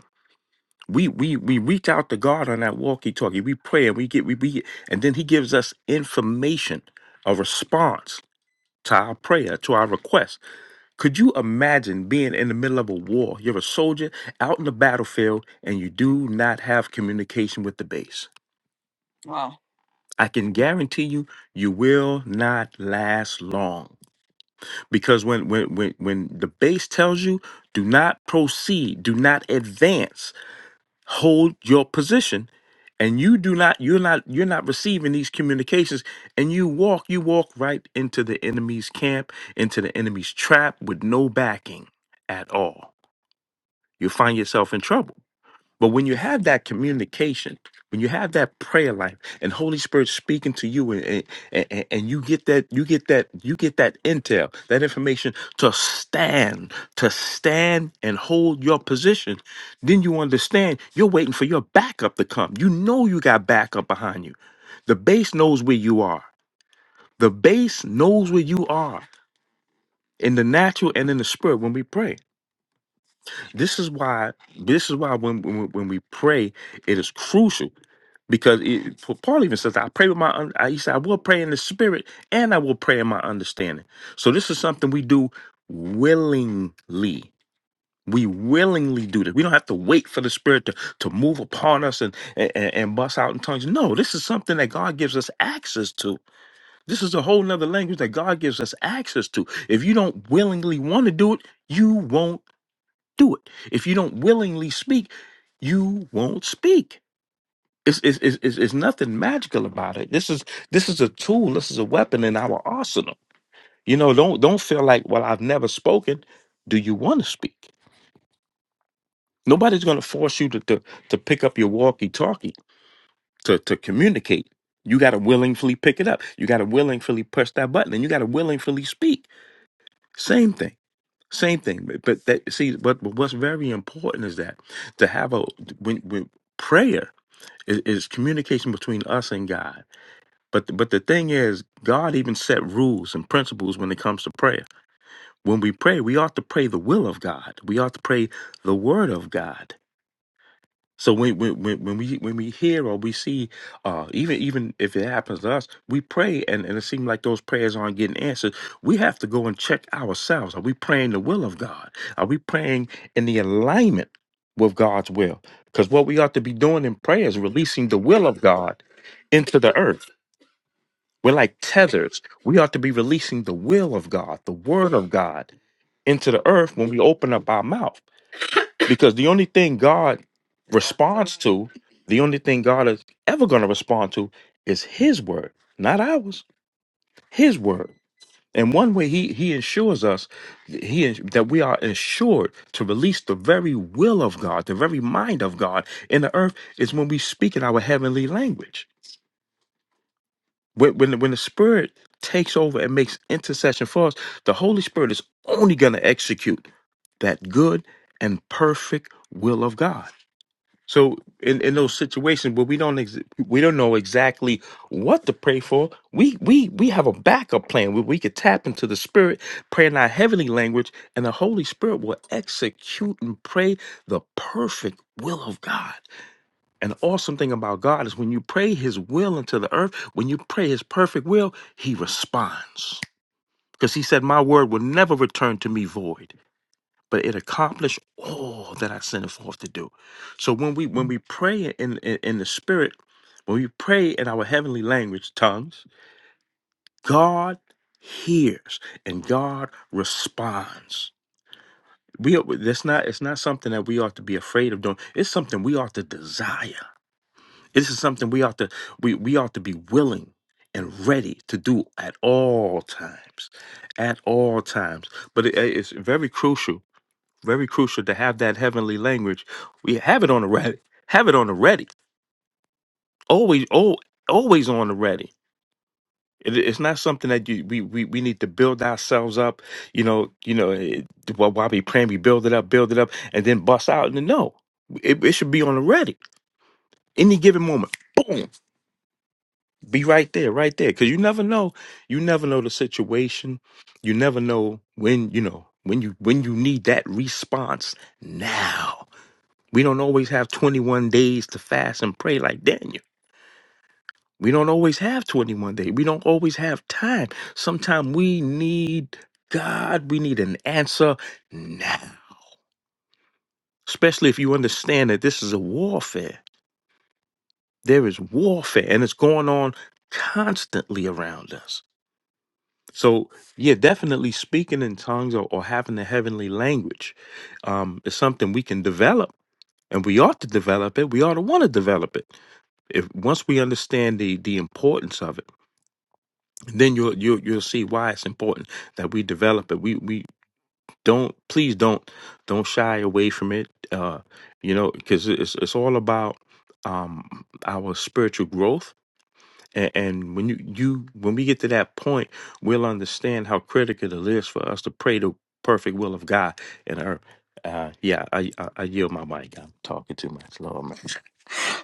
S1: We we we reach out to God on that walkie-talkie. We pray and we get we, we and then He gives us information, a response to our prayer, to our request. Could you imagine being in the middle of a war? You're a soldier out in the battlefield and you do not have communication with the base. I can guarantee you, you will not last long. Because when when when when the base tells you, do not proceed, do not advance, hold your position, and you do not, you're not, you're not receiving these communications, and you walk, you walk right into the enemy's camp, into the enemy's trap with no backing at all. You'll find yourself in trouble. But when you have that communication, when you have that prayer life and Holy Spirit speaking to you and, and, and and you get that you get that you get that intel, that information to stand, to stand and hold your position, then you understand you're waiting for your backup to come. You know you got backup behind you. The base knows where you are. The base knows where you are in the natural and in the spirit when we pray. This is why. This is why when when, when we pray, it is crucial because it, for Paul even says, "I pray with my." un- I- He said, "I will pray in the spirit, and I will pray in my understanding." So this is something we do willingly. We willingly do this. We don't have to wait for the Spirit to, to move upon us and, and and bust out in tongues. No, this is something that God gives us access to. This is a whole nother language that God gives us access to. If you don't willingly want to do it, you won't do it. If you don't willingly speak, you won't speak. It's, it's, it's, it's it's nothing magical about it. This is this is a tool. This is a weapon in our arsenal. You know, don't don't feel like, well, I've never spoken. Do you want to speak? Nobody's going to force you to, to to pick up your walkie-talkie to to communicate. You got to willingly pick it up. You got to willingly press that button, and you got to willingly speak. Same thing. Same thing, but that see, but what's very important is that to have a when when prayer is, is communication between us and God. But but the thing is, God even set rules and principles when it comes to prayer. When we pray, we ought to pray the will of God. We ought to pray the word of God. So when when when when we when we hear or we see, uh, even even if it happens to us, we pray and, and it seems like those prayers aren't getting answered. We have to go and check ourselves. Are we praying the will of God? Are we praying in the alignment with God's will? Because what we ought to be doing in prayer is releasing the will of God into the earth. We're like tethers. We ought to be releasing the will of God, the word of God into the earth when we open up our mouth. Because the only thing God responds to, the only thing God is ever going to respond to is his word, not ours, his word. And one way he he ensures us he that we are ensured to release the very will of God, the very mind of God in the earth is when we speak in our heavenly language. When when, when the spirit takes over and makes intercession for us, the Holy Spirit is only going to execute that good and perfect will of God. So in, in those situations where we don't ex- we don't know exactly what to pray for, we we we have a backup plan where we could tap into the Spirit, pray in our heavenly language, and the Holy Spirit will execute and pray the perfect will of God. And the awesome thing about God is when you pray His will into the earth, when you pray His perfect will, He responds because He said, "My word will never return to me void." but it accomplished all that I sent it forth to do. So when we when we pray in, in in the spirit, when we pray in our heavenly language tongues, God hears and God responds. We are, that's not it's not something that we ought to be afraid of doing. It's something we ought to desire. This is something we ought to we, we ought to be willing and ready to do at all times, at all times. But it- it's very crucial very crucial to have that heavenly language. We have it on the ready. Have it on the ready. Always, oh, always on the ready. It, it's not something that you we, we we need to build ourselves up. You know, you know. It, while while we praying, we build it up, build it up, and then bust out. No, it, it should be on the ready. Any given moment, boom, be right there, right there. Because you never know. You never know the situation. You never know when you know when you when you need that response now We don't always have 21 days to fast and pray like Daniel. We don't always have 21 days. We don't always have time. Sometimes we need God, we need an answer now. Especially if you understand that this is a warfare. There is warfare and it's going on constantly around us. So, yeah, definitely speaking in tongues or, or having the heavenly language um, is something we can develop and we ought to develop it. We ought to want to develop it. If once we understand the the importance of it, then you'll you'll you'll see why it's important that we develop it. We we don't please don't don't shy away from it. Uh, you know, because it's it's all about um our spiritual growth. And, and when you you when we get to that point, we'll understand how critical it is for us to pray the perfect will of God in earth. Uh, yeah, I, I I yield my mic. I'm talking too much, Lord. Man.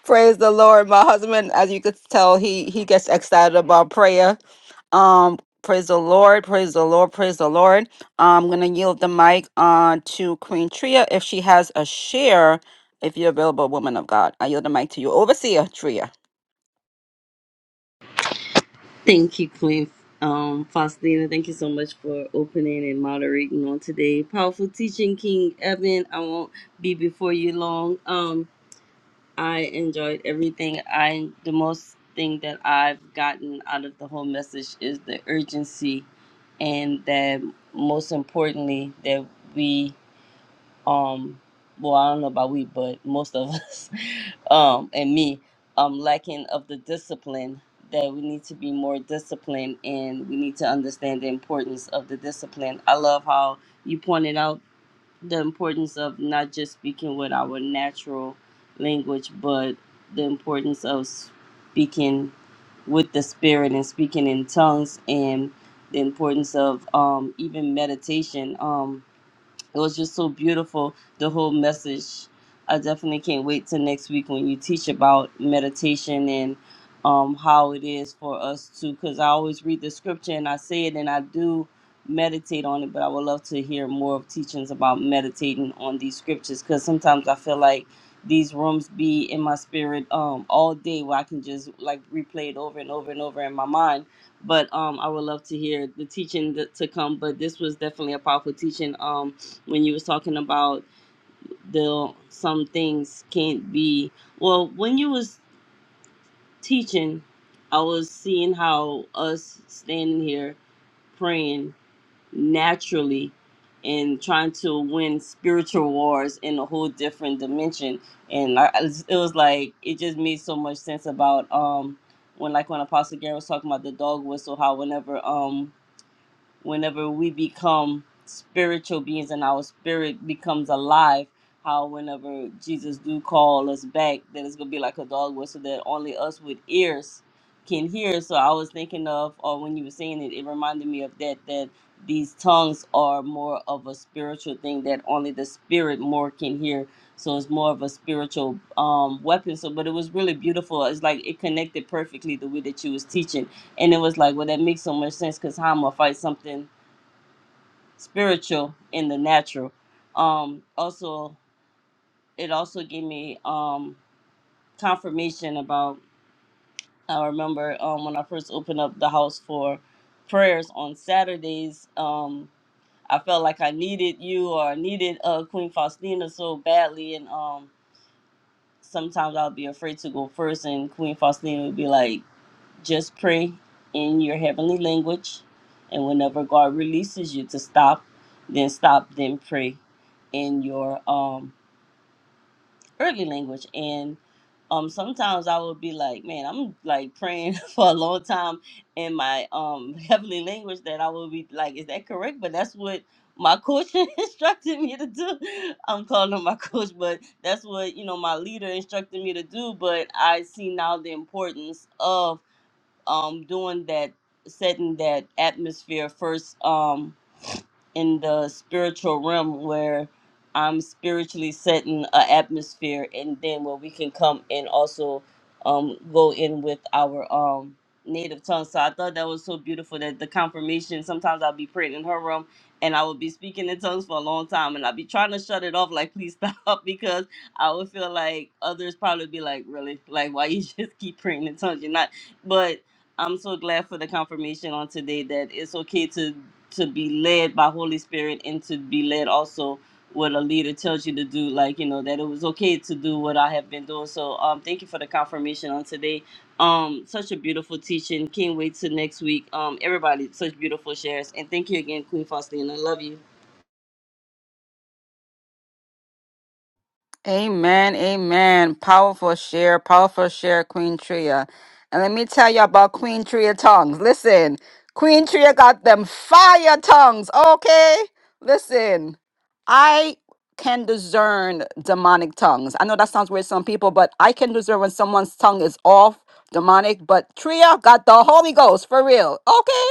S1: Praise the Lord. My husband, as you could tell, he he gets excited about prayer. Um, praise the Lord, praise the Lord, praise the Lord. I'm gonna yield the mic on to Queen Tria if she has a share. If you're available, woman of God, I yield the mic to you, Overseer Tria.
S8: Thank you, Queen um, Faustina. Thank you so much for opening and moderating on today. Powerful teaching, King Evan. I won't be before you long. Um, I enjoyed everything. I the most thing that I've gotten out of the whole message is the urgency, and that most importantly that we um well i don't know about we but most of us um and me um lacking of the discipline that we need to be more disciplined and we need to understand the importance of the discipline i love how you pointed out the importance of not just speaking with our natural language but the importance of speaking with the spirit and speaking in tongues and the importance of um even meditation um it was just so beautiful the whole message i definitely can't wait till next week when you teach about meditation and um, how it is for us to because i always read the scripture and i say it and i do meditate on it but i would love to hear more of teachings about meditating on these scriptures because sometimes i feel like these rooms be in my spirit um, all day where i can just like replay it over and over and over in my mind but um, i would love to hear the teaching that, to come but this was definitely a powerful teaching um, when you was talking about the some things can't be well when you was teaching i was seeing how us standing here praying naturally and trying to win spiritual wars in a whole different dimension and I, I was- it was like it just made so much sense about um when like when apostle gary was talking about the dog whistle how whenever um whenever we become spiritual beings and our spirit becomes alive how whenever jesus do call us back that it's gonna be like a dog whistle that only us with ears can hear so i was thinking of or when you were saying it it reminded me of that that these tongues are more of a spiritual thing that only the spirit more can hear so it's more of a spiritual um weapon so but it was really beautiful it's like it connected perfectly the way that you was teaching and it was like, well, that makes so much sense because how I'm gonna fight something spiritual in the natural. Um, also, it also gave me um, confirmation about. I remember um, when I first opened up the house for prayers on Saturdays. Um, I felt like I needed you or I needed uh, Queen Faustina so badly, and um, sometimes I'll be afraid to go first, and Queen Faustina would be like Just pray in your heavenly language, and whenever God releases you to stop, then stop, then pray in your um earthly language. And um sometimes I would be like, man, I'm like praying for a long time in my um heavenly language that I would be like, is that correct? But that's what my coach instructed me to do. I'm calling him my coach, but that's what you know my leader instructed me to do. But I see now the importance of um, doing that, setting that atmosphere first um, in the spiritual realm where I'm spiritually setting an atmosphere, and then where we can come and also um, go in with our um, native tongue. So I thought that was so beautiful that the confirmation. Sometimes I'll be praying in her room, and I will be speaking in tongues for a long time, and I'll be trying to shut it off, like please stop, because I would feel like others probably be like, really, like why you just keep praying in tongues? You're not, but I'm so glad for the confirmation on today that it's okay to to be led by Holy Spirit and to be led also what a leader tells you to do, like you know that it was okay to do what I have been doing. So um, thank you for the confirmation on today. Um, such a beautiful teaching. Can't wait till next week. Um, everybody, such beautiful shares, and thank you again, Queen Faustina. I love you.
S1: Amen, amen. Powerful share, powerful share, Queen Tria. And let me tell you about Queen Tria tongues. Listen, Queen Tria got them fire tongues, okay? Listen, I can discern demonic tongues. I know that sounds weird to some people, but I can discern when someone's tongue is off demonic. But Tria got the Holy Ghost for real, okay?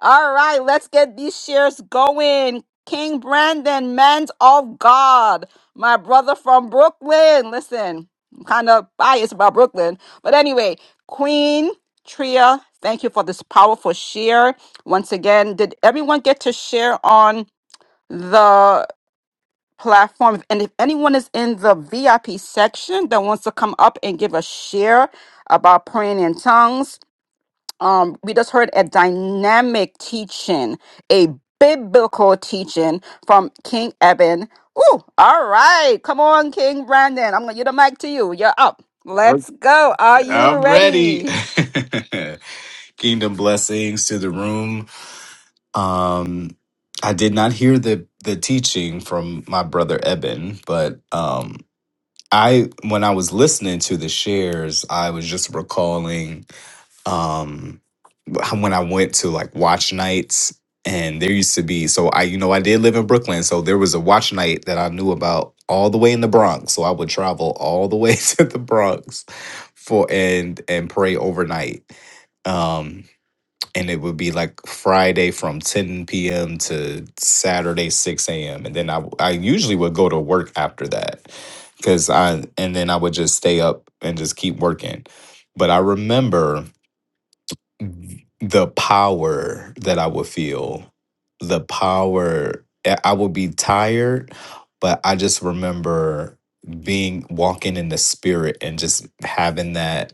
S1: All right, let's get these shares going. King Brandon, men of God my brother from Brooklyn. Listen, I'm kind of biased about Brooklyn. But anyway, Queen Tria, thank you for this powerful share. Once again, did everyone get to share on the platform? And if anyone is in the VIP section that wants to come up and give a share about praying in tongues, um we just heard a dynamic teaching a biblical teaching from king eben Ooh, all right come on king brandon i'm gonna give the mic to you you're up
S9: Okay,
S1: let's go are
S9: I'm
S1: you
S9: ready.
S1: ready
S9: Kingdom blessings to the room. Um, I did not hear the the teaching from my brother Eben, but um, I when I was listening to the shares, I was just recalling. Um, when I went to like watch nights, and there used to be so I you know I did live in Brooklyn, so there was a watch night that I knew about all the way in the Bronx. So I would travel all the way to the Bronx for and and pray overnight. Um, and it would be like Friday from 10 p.m. to Saturday 6 a.m. And then I w- I usually would go to work after that because I and then I would just stay up and just keep working. But I remember the power that I would feel, the power, I I would be tired, but I just remember being walking in the spirit and just having that,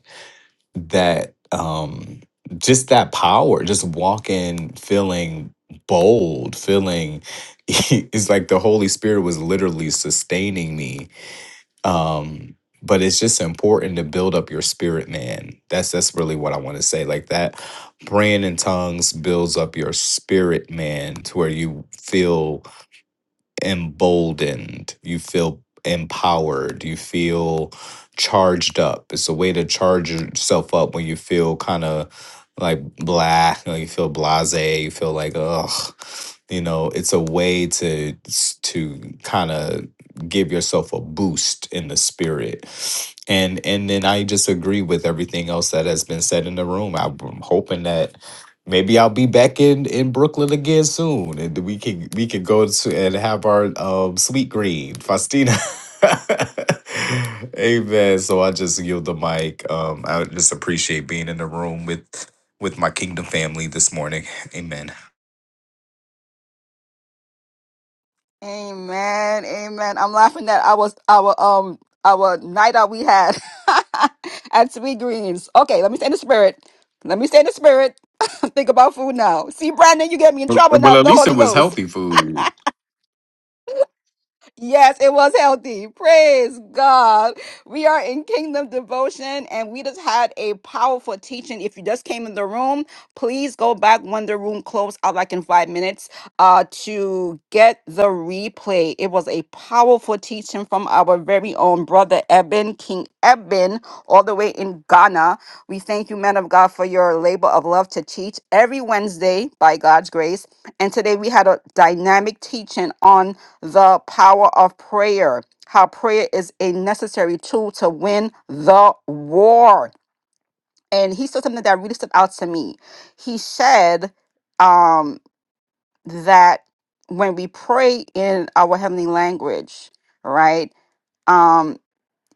S9: that, um, just that power, just walking, feeling bold, feeling it's like the Holy Spirit was literally sustaining me um but it's just important to build up your spirit man that's that's really what i want to say like that praying in tongues builds up your spirit man to where you feel emboldened, you feel empowered, you feel charged up. It's a way to charge yourself up when you feel kind of like blah, you, know, you feel blase, you feel like ugh. You know, it's a way to to kind of give yourself a boost in the spirit. And and then I just agree with everything else that has been said in the room. I'm hoping that Maybe I'll be back in in Brooklyn again soon, and we can we can go to and have our um sweet green Faustina. Amen. So I just yield the mic. Um, I just appreciate being in the room with with my kingdom family this morning. Amen.
S1: amen amen i'm laughing at our our um our night out we had at sweet greens okay let me stay in the spirit let me stay in the spirit think about food now see brandon you get me in trouble now
S9: Well,
S1: with
S9: at
S1: the
S9: least it
S1: holy
S9: was
S1: ghost
S9: healthy food.
S1: Yes, it was healthy. Praise God. We are in Kingdom Devotion and we just had a powerful teaching. If you just came in the room, please go back when the room closed out like in five minutes uh, to get the replay. It was a powerful teaching from our very own brother Eben, King Eben, all the way in Ghana. We thank you, man of God, for your labor of love to teach every Wednesday by God's grace. And today we had a dynamic teaching on the power of prayer, how prayer is a necessary tool to win the war. And he said something that really stood out to me. He said um, that when we pray in our heavenly language, right, um,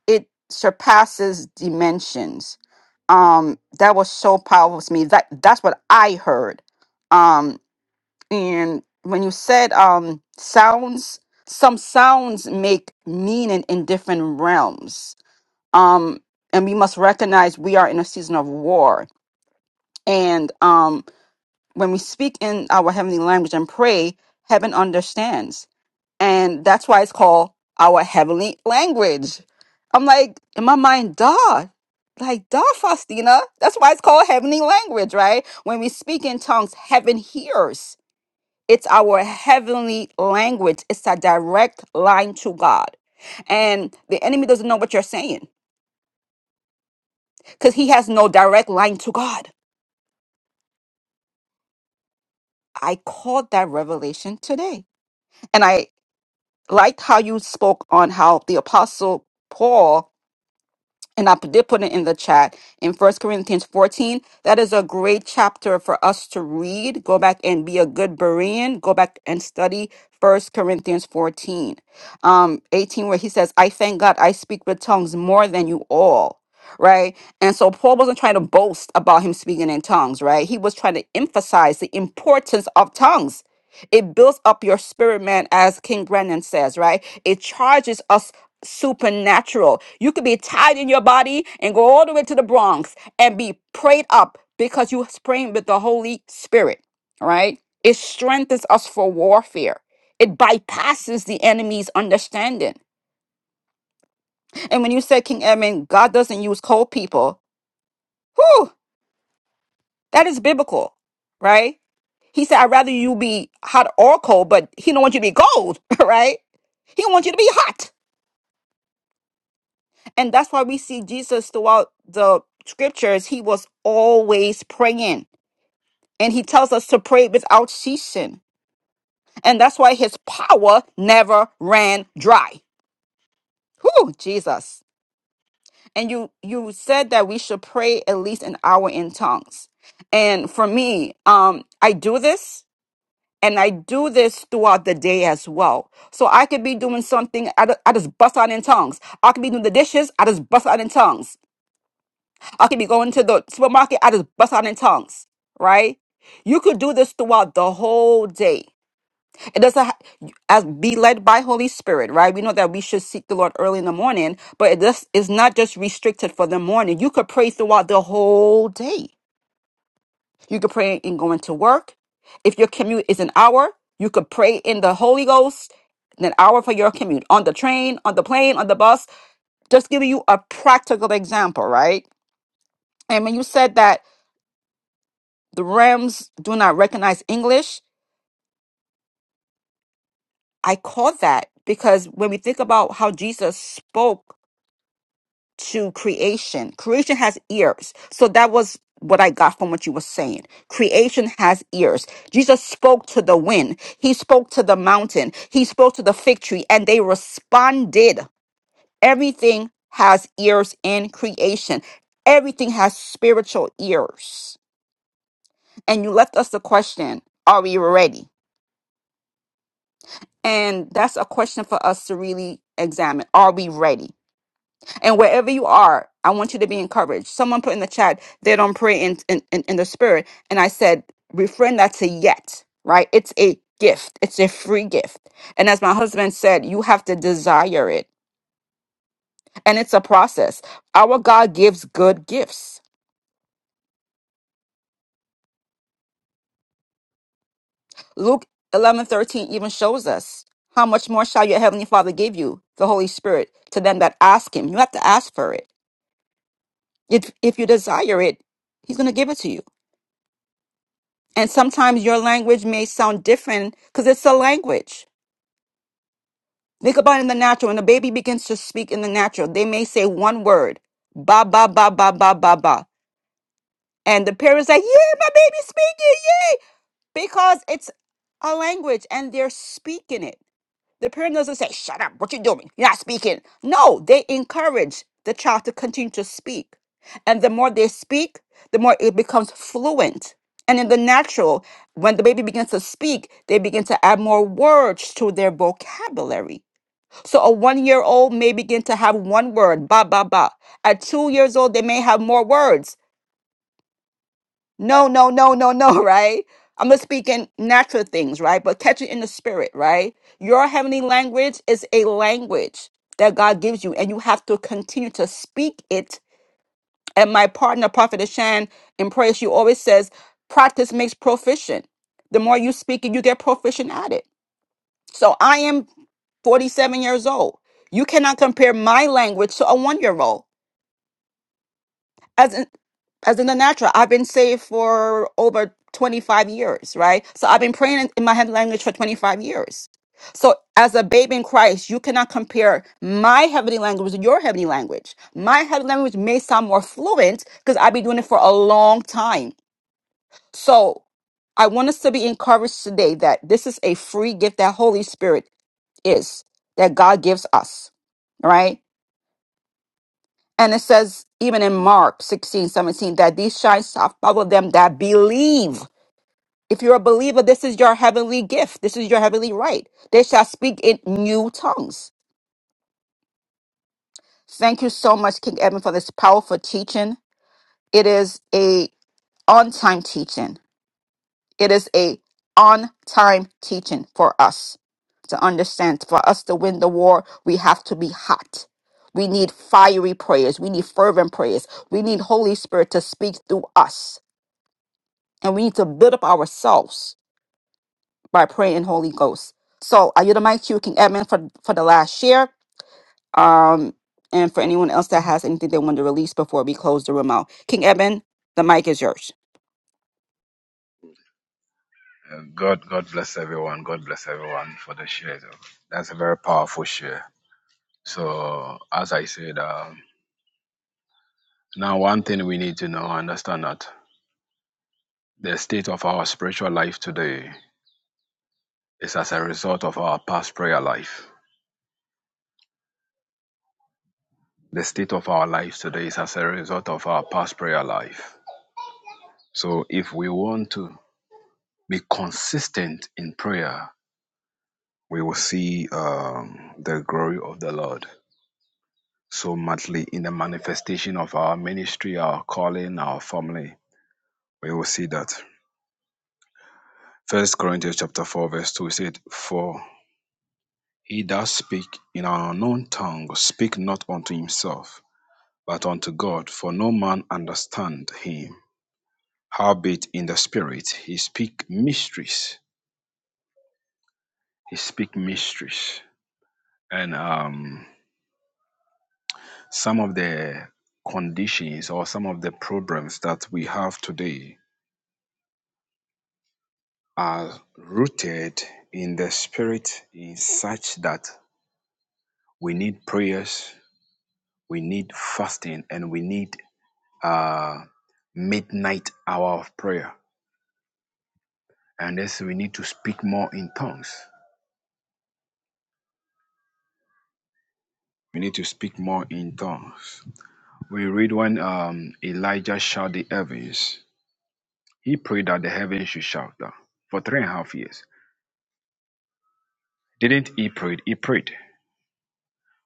S1: it surpasses dimensions. Um, that was so powerful to me. That that's what I heard. Um, and when you said um sounds some sounds make meaning in different realms um and we must recognize we are in a season of war and um when we speak in our heavenly language and pray heaven understands and that's why it's called our heavenly language i'm like in my mind duh like duh faustina that's why it's called heavenly language right when we speak in tongues heaven hears it's our heavenly language. It's a direct line to God. And the enemy doesn't know what you're saying because he has no direct line to God. I caught that revelation today. And I liked how you spoke on how the apostle Paul and I did put it in the chat in First Corinthians 14. That is a great chapter for us to read. Go back and be a good Berean. Go back and study First Corinthians 14, um, 18, where he says, I thank God I speak with tongues more than you all. Right. And so Paul wasn't trying to boast about him speaking in tongues, right? He was trying to emphasize the importance of tongues. It builds up your spirit, man, as King Brennan says, right? It charges us supernatural. You could be tied in your body and go all the way to the Bronx and be prayed up because you praying with the Holy Spirit. All right. It strengthens us for warfare. It bypasses the enemy's understanding. And when you said, King Edmund, God doesn't use cold people, whew, that is biblical, right? He said, I'd rather you be hot or cold, but he don't want you to be cold, right? He wants you to be hot. And that's why we see Jesus throughout the scriptures, he was always praying. And he tells us to pray without ceasing. And that's why his power never ran dry. Whew, Jesus. And you you said that we should pray at least an hour in tongues. And for me, um, I do this and I do this throughout the day as well. So I could be doing something, I, d- I just bust out in tongues. I could be doing the dishes, I just bust out in tongues. I could be going to the supermarket. I just bust out in tongues, right? You could do this throughout the whole day. It doesn't ha- as be led by Holy Spirit, right? We know that we should seek the Lord early in the morning, but it just is not just restricted for the morning. You could pray throughout the whole day. You could pray in going to work. If your commute is an hour, you could pray in the Holy Ghost in an hour for your commute on the train, on the plane, on the bus. Just giving you a practical example, right? And when you said that the Rams do not recognize English. I caught that because when we think about how Jesus spoke to creation, creation has ears. So that was what I got from what you were saying. Creation has ears. Jesus spoke to the wind, he spoke to the mountain, he spoke to the fig tree, and they responded. Everything has ears in creation, everything has spiritual ears. And you left us the question Are we ready? And that's a question for us to really examine. Are we ready? And wherever you are, I want you to be encouraged. Someone put in the chat, they don't pray in, in, in, in the spirit. And I said, refrain that to yet, right? It's a gift, it's a free gift. And as my husband said, you have to desire it. And it's a process. Our God gives good gifts. Luke eleven thirteen even shows us how much more shall your heavenly Father give you, the Holy Spirit, to them that ask him. You have to ask for it. If if you desire it, he's going to give it to you. And sometimes your language may sound different because it's a language. Think about it in the natural. When a baby begins to speak in the natural, they may say one word, ba ba ba ba ba ba ba, and the parents like, "Yeah, my baby's speaking, yay!" Because it's a language and they're speaking it. The parent doesn't say, shut up, what you doing? You're not speaking. No, they encourage the child to continue to speak. And the more they speak, the more it becomes fluent. And in the natural, when the baby begins to speak, they begin to add more words to their vocabulary. So a one year old may begin to have one word, ba, ba, ba. At two years old, they may have more words no, no, no, no, no, right? I'm just speaking natural things, right? But catch it in the spirit, right? Your heavenly language is a language that God gives you, and you have to continue to speak it. And my partner, Prophet Ashan, in prayer, she always says, practice makes proficient. The more you speak it, you get proficient at it. So I am 47 years old. You cannot compare my language to a one year old. as in as in the natural i've been saved for over 25 years right so i've been praying in, in my head language for 25 years so as a babe in christ you cannot compare my heavenly language with your heavenly language my heavenly language may sound more fluent because i've been doing it for a long time so i want us to be encouraged today that this is a free gift that holy spirit is that god gives us right? And it says, even in Mark 16 17, that these signs shall follow them that believe. If you're a believer, this is your heavenly gift. This is your heavenly right. They shall speak in new tongues. Thank you so much, King Evan, for this powerful teaching. It is a on-time teaching. It is a on-time teaching for us to understand. For us to win the war, we have to be hot. We need fiery prayers. We need fervent prayers. We need Holy Spirit to speak through us and we need to build up ourselves by praying in Holy Ghost. So I yield the mic to you, King Edmund, for for the last share. Um, and for anyone else that has anything they want to release before we close the room out, King Edmund, the mic is yours.
S3: Uh, God, God bless everyone. God bless everyone for the share. That's a very powerful share. So, as I said, um, now one thing we need to know, understand that. The state of our spiritual life today is as a result of our past prayer life. The state of our life today is as a result of our past prayer life. So, if we want to be consistent in prayer, we will see um, the glory of the Lord so muchly in the manifestation of our ministry, our calling, our family. We will see that. First Corinthians chapter four, verse two said, "For he that speak in an unknown tongue speak not unto himself." but unto God, for no man understand him. Howbeit in the spirit he speak mysteries. He speak mysteries. And um, some of the conditions or some of the problems that we have today are rooted in the spirit in such that we need prayers, we need fasting, and we need uh midnight hour of prayer. And this we need to speak more in tongues. We need to speak more in tongues. We read when um, Elijah shut the heavens. He prayed that the heavens should shout down for three and a half years. Didn't he prayed? He prayed.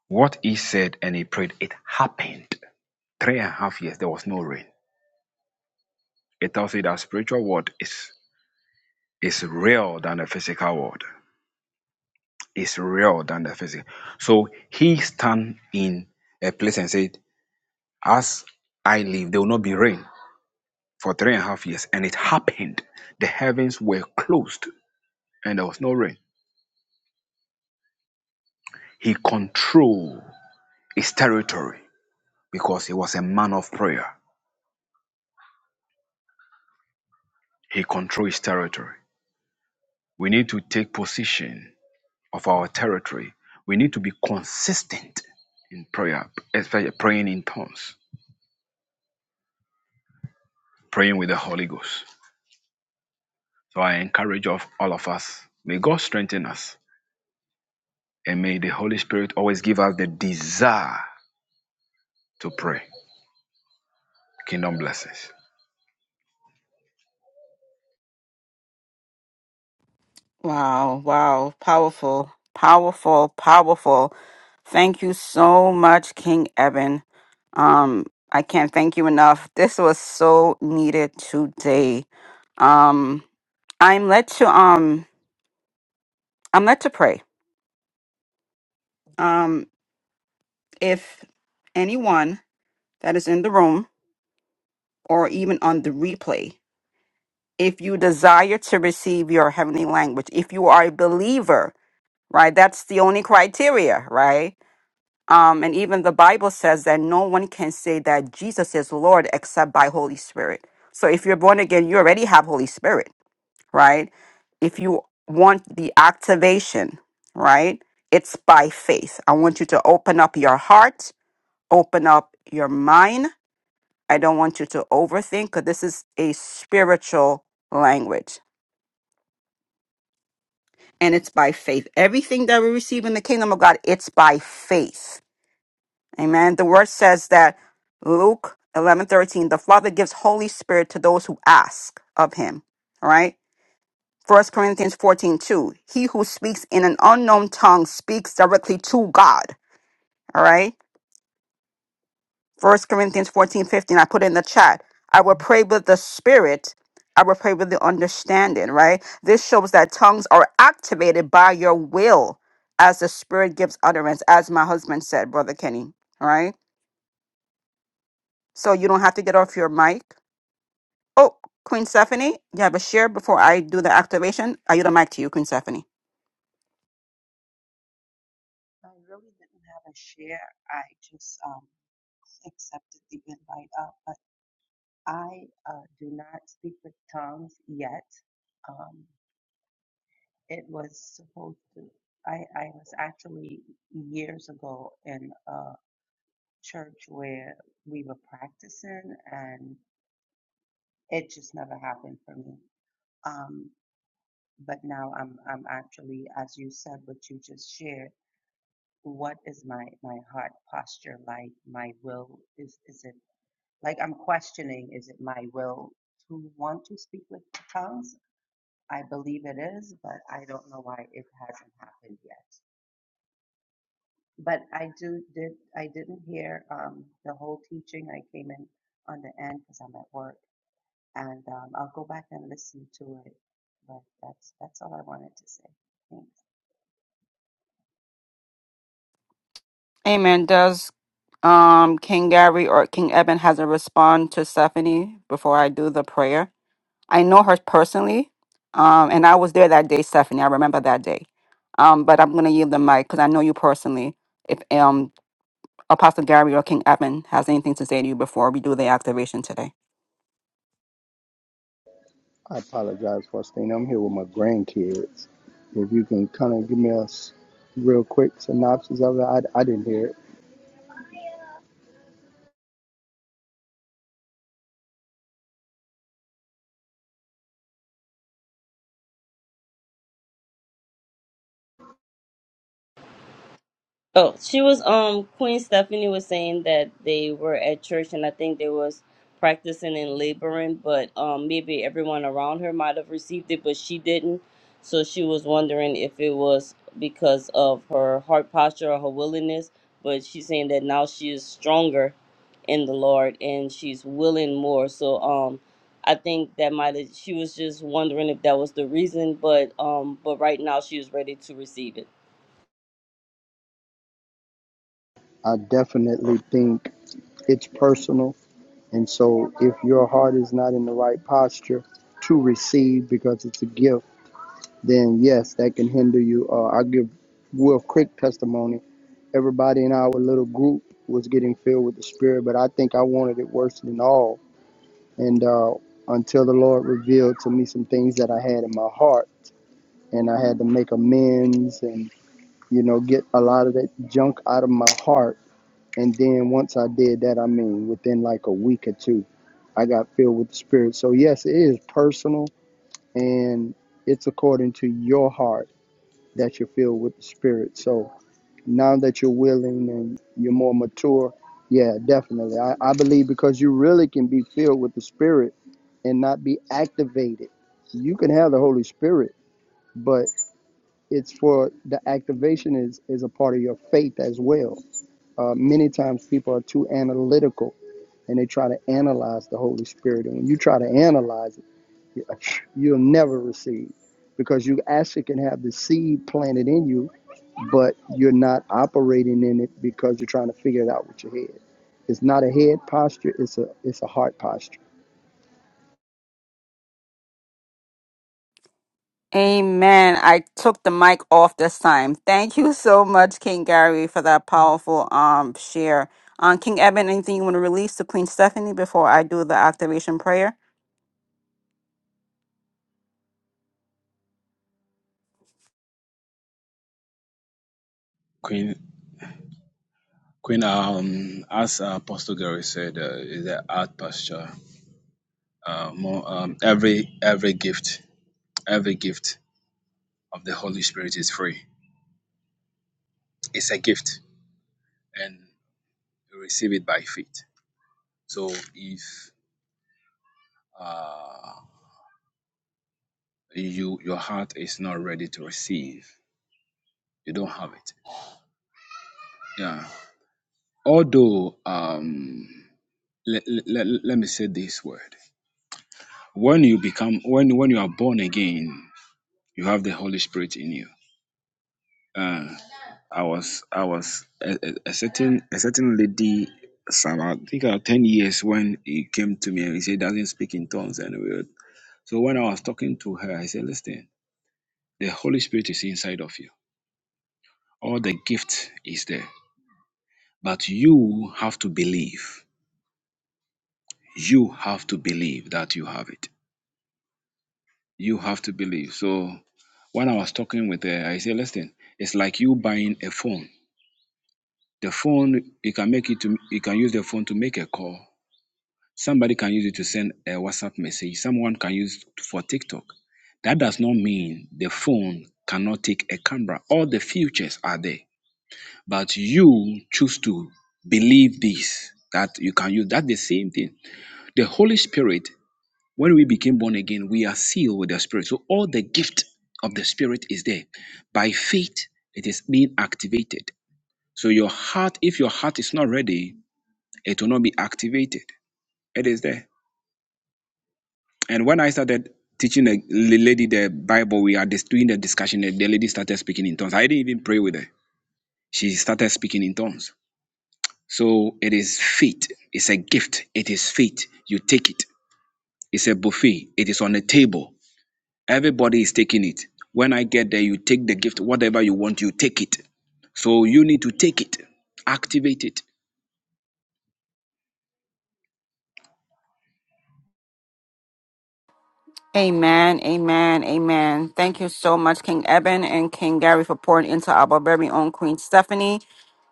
S3: What he said and he prayed, it happened. Three and a half years, there was no rain. It tells you that spiritual world is is real than the physical world. It's real than the physical. So he stand in a place and said, As I live, there will not be rain. for three and a half years. And it happened. The heavens were closed and there was no rain. He controlled his territory because he was a man of prayer. He controlled his territory. We need to take possession of our territory. We need to be consistent in prayer, especially praying in tongues, praying with the Holy Ghost. So I encourage of all of us, may God strengthen us and may the Holy Spirit always give us the desire to pray. Kingdom blessings.
S1: Wow, wow, powerful, powerful, powerful. Thank you so much, King Evan. Um, I can't thank you enough. This was so needed today. Um, I'm led to um I'm led to pray. if anyone that is in the room or even on the replay, if you desire to receive your heavenly language, if you are a believer, right? That's the only criteria, right? Um, and even the Bible says that no one can say that Jesus is Lord except by Holy Spirit. So if you're born again, you already have Holy Spirit, right? If you want the activation, right? It's by faith. I want you to open up your heart, open up your mind, I don't want you to overthink because this is a spiritual language and it's by faith. Everything that we receive in the kingdom of God, it's by faith. Amen. The word says that Luke eleven thirteen, the Father gives Holy Spirit to those who ask of him. All right. First Corinthians fourteen two, he who speaks in an unknown tongue speaks directly to God. All right. First Corinthians 14 15. I put in the chat. I will pray with the spirit. I will pray with the understanding, right? This shows that tongues are activated by your will as the spirit gives utterance, as my husband said, Brother Kenny. All right. So you don't have to get off your mic. Oh, Queen Stephanie, you have a share before I do the activation. I yield the mic to you, Queen Stephanie.
S10: I really didn't have a share. I just um, accepted the invite up, but I uh, do not speak with tongues yet. Um, it was supposed to. I, I was actually years ago in a church where we were practicing, and it just never happened for me. Um, but now I'm I'm actually, as you said, what you just shared. What is my my heart posture like? My will is is it Like I'm questioning, is it my will to want to speak with tongues? I believe it is, but I don't know why it hasn't happened yet. But I do did I didn't hear um, the whole teaching. I came in on the end because I'm at work, and um, I'll go back and listen to it. But that's that's all I wanted to say. Thanks.
S1: Amen. Does um King Gary or King Eben has a respond to Stephanie before I do the prayer? I know her personally, um, and I was there that day, Stephanie. I remember that day. Um, but I'm gonna yield the mic because I know you personally. If um Apostle Gary or King Eben has anything to say to you before we do the activation today.
S2: I apologize, Faustine. I'm here with my grandkids. If you can kind of give me a s- real quick synopsis of it, I, I didn't hear it.
S8: Oh, she was um Queen Stephanie was saying that they were at church and I think they was practicing and laboring, but um maybe everyone around her might have received it, but she didn't. So she was wondering if it was because of her heart posture or her willingness, but she's saying that now she is stronger in the Lord and she's willing more. So um I think that might have she was just wondering if that was the reason, but um but right now she is ready to receive it.
S2: I definitely think it's personal. And so if your heart is not in the right posture to receive because it's a gift, then yes, that can hinder you. Uh, I give real quick testimony. Everybody in our little group was getting filled with the Spirit, but I think I wanted it worse than all. And uh, until the Lord revealed to me some things that I had in my heart, and I had to make amends and, you know, get a lot of that junk out of my heart And then once I did that, I mean, within like a week or two, I got filled with the Spirit. So, yes, it is personal and it's according to your heart that you're filled with the Spirit. So, now that you're willing and you're more mature, yeah, definitely. I, I believe because you really can be filled with the Spirit and not be activated. You can have the Holy Spirit, but it's for the activation is, is a part of your faith as well. Uh, many times people are too analytical and they try to analyze the Holy Spirit. And when you try to analyze it, you- will never receive because you actually can have the seed planted in you, but you're not operating in it because you're trying to figure it out with your head. It's not a head posture, it's a it's a heart posture.
S1: Amen. I took the mic off this time. Thank you so much, King Gary, for that powerful um share. Um, King Eben, anything you want to release to Queen Stephanie before I do the activation prayer?
S3: Queen. Queen, um, as Apostle Gary said, uh, is the art pasture. Uh, more, um, every every gift, every gift of the Holy Spirit is free. It's a gift, and you receive it by faith. So if you your heart is not ready to receive, you don't have it. Yeah. Although, um, let, let, let me say this word: when you become when when you are born again, you have the Holy Spirit in you. I was I was a, a, a certain a certain lady some I think about ten years when he came to me and he said doesn't speak in tongues and we were- so when I was talking to her I said listen the Holy Spirit is inside of you all the gift is there but you have to believe you have to believe that you have it you have to believe so when I was talking with her I said listen it's like you buying a phone the phone you can make it to you can use the phone to make a call Somebody can use it to send a WhatsApp message. Someone can use it for TikTok. That does not mean the phone cannot take a camera. All the features are there. But you choose to believe this that you can use that the same thing. The Holy Spirit, when we became born again, we are sealed with the Spirit. So all the gift of the Spirit is there. By faith, it is being activated. So your heart, if your heart is not ready, it will not be activated. It is there. And when I started teaching the lady the Bible, we are just doing the discussion. The the lady started speaking in tongues. I didn't even pray with her. She started speaking in tongues. So it is faith. It's a gift. It is faith. You take it. It's a buffet. It is on the table. Everybody is taking it. When I get there, you take the gift, whatever you want, you take it. So you need to take it, activate it.
S1: Amen, amen, amen. Thank you so much, King Eben and King Gary, for pouring into our very own Queen Stephanie.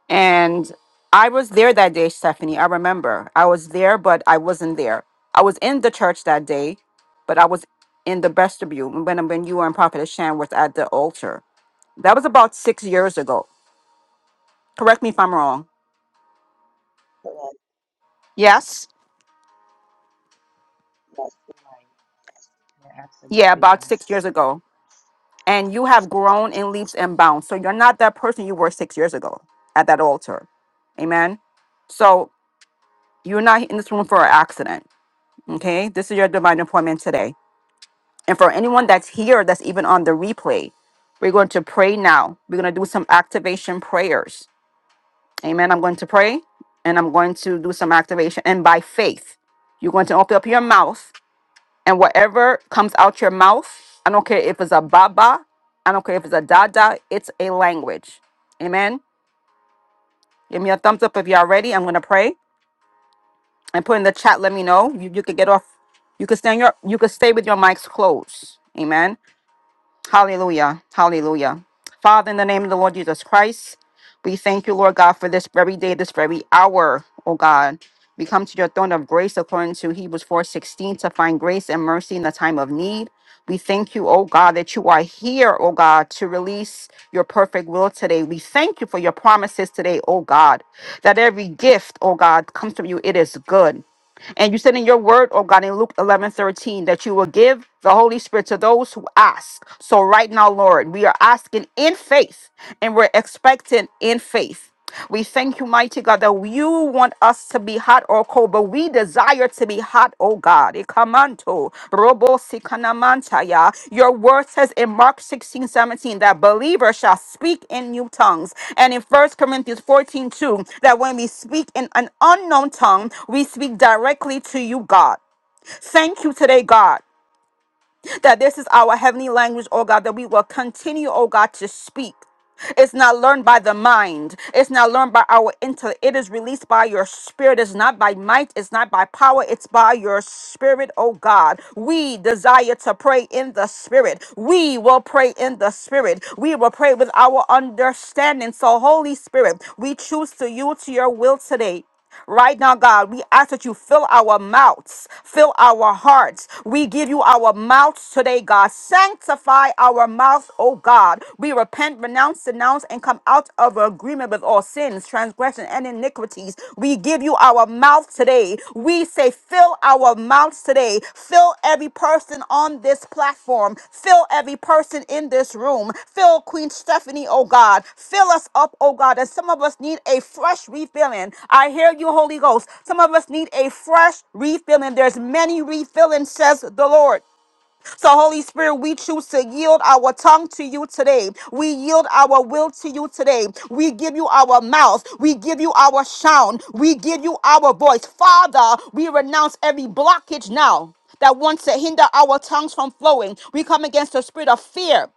S1: And I was there that day, Stephanie. I remember. I was there, but I wasn't there. I was in the church that day, but I was in the vestibule when, when you and Prophet Shan was at the altar. That was about six years ago. Correct me if I'm wrong.
S10: Correct.
S1: Yes?
S10: Yes. You're right. You're
S1: Yeah,
S10: absolutely
S1: about
S10: right.
S1: six years ago. And you have grown in leaps and bounds. So you're not that person you were six years ago at that altar. Amen. So you're not in this room for an accident. Okay. This is your divine appointment today. And for anyone that's here, that's even on the replay, we're going to pray now. We're going to do some activation prayers. Amen. I'm going to pray and I'm going to do some activation. And by faith, you're going to open up your mouth And whatever comes out your mouth, I don't care if it's a baba, I don't care if it's a dada, it's a language. Amen. Give me a thumbs up if y'all ready. I'm gonna pray and put in the chat. Let me know. You you could get off. You could stand your. You could stay with your mics closed. Amen. Hallelujah. Hallelujah. Father, in the name of the Lord Jesus Christ, we thank you, Lord God, for this very day, this very hour, oh God. We come to your throne of grace according to Hebrews 4:16 to find grace and mercy in the time of need. We thank you, oh God, that you are here, oh God, to release your perfect will today. We thank you for your promises today, oh God, that every gift, oh God, comes from you. It is good. And you said in your word, oh God, in Luke 11 13, that you will give the Holy Spirit to those who ask. So right now, Lord, we are asking in faith and we're expecting in faith. We thank you, mighty God, that you want us to be hot or cold, but we desire to be hot, oh God. Ikamanto, robo sikanamantaya. Your word says in Mark 16:17 that believers shall speak in new tongues. And in First Corinthians 14:2 that when we speak in an unknown tongue, we speak directly to you, God. Thank you today, God that this is our heavenly language, oh God, that we will continue, oh God, to speak. It's not learned by the mind. It's not learned by our intellect. It is released by your spirit. It's not by might. It's not by power. It's by your spirit, oh God. We desire to pray in the spirit. We will pray in the spirit. We will pray with our understanding. So, Holy Spirit, we choose to yield to your will today. Right now, God, we ask that you fill our mouths, fill our hearts. We give you our mouths today, God. Sanctify our mouths, oh God. We repent, renounce, denounce, and come out of agreement with all sins, transgression, and iniquities. We give you our mouth today. We say, fill fill our mouths today. Fill every person on this platform. Fill every person in this room. Fill Queen Stephanie, oh God. Fill us up, oh God. And some of us need a fresh refilling. I hear you, Holy Ghost. Some of us need a fresh refilling. There's many refilling, says the Lord. So, Holy Spirit, we choose to yield our tongue to you today. We yield our will to you today. We give you our mouth. We give you our sound. We give you our voice. Father, we renounce every blockage now that wants to hinder our tongues from flowing. We come against the spirit of fear.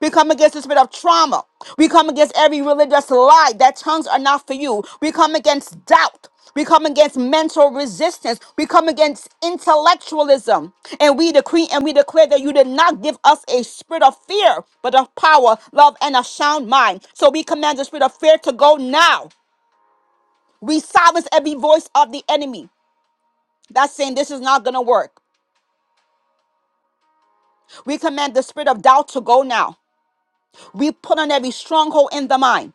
S1: We come against the spirit of trauma. We come against every religious lie that tongues are not for you. We come against doubt. We come against mental resistance. We come against intellectualism. And we decree and we declare that you did not give us a spirit of fear, but of power, love, and a sound mind. So we command the spirit of fear to go now. We silence every voice of the enemy that's saying this is not going to work. We command the spirit of doubt to go now. We put on every stronghold in the mind.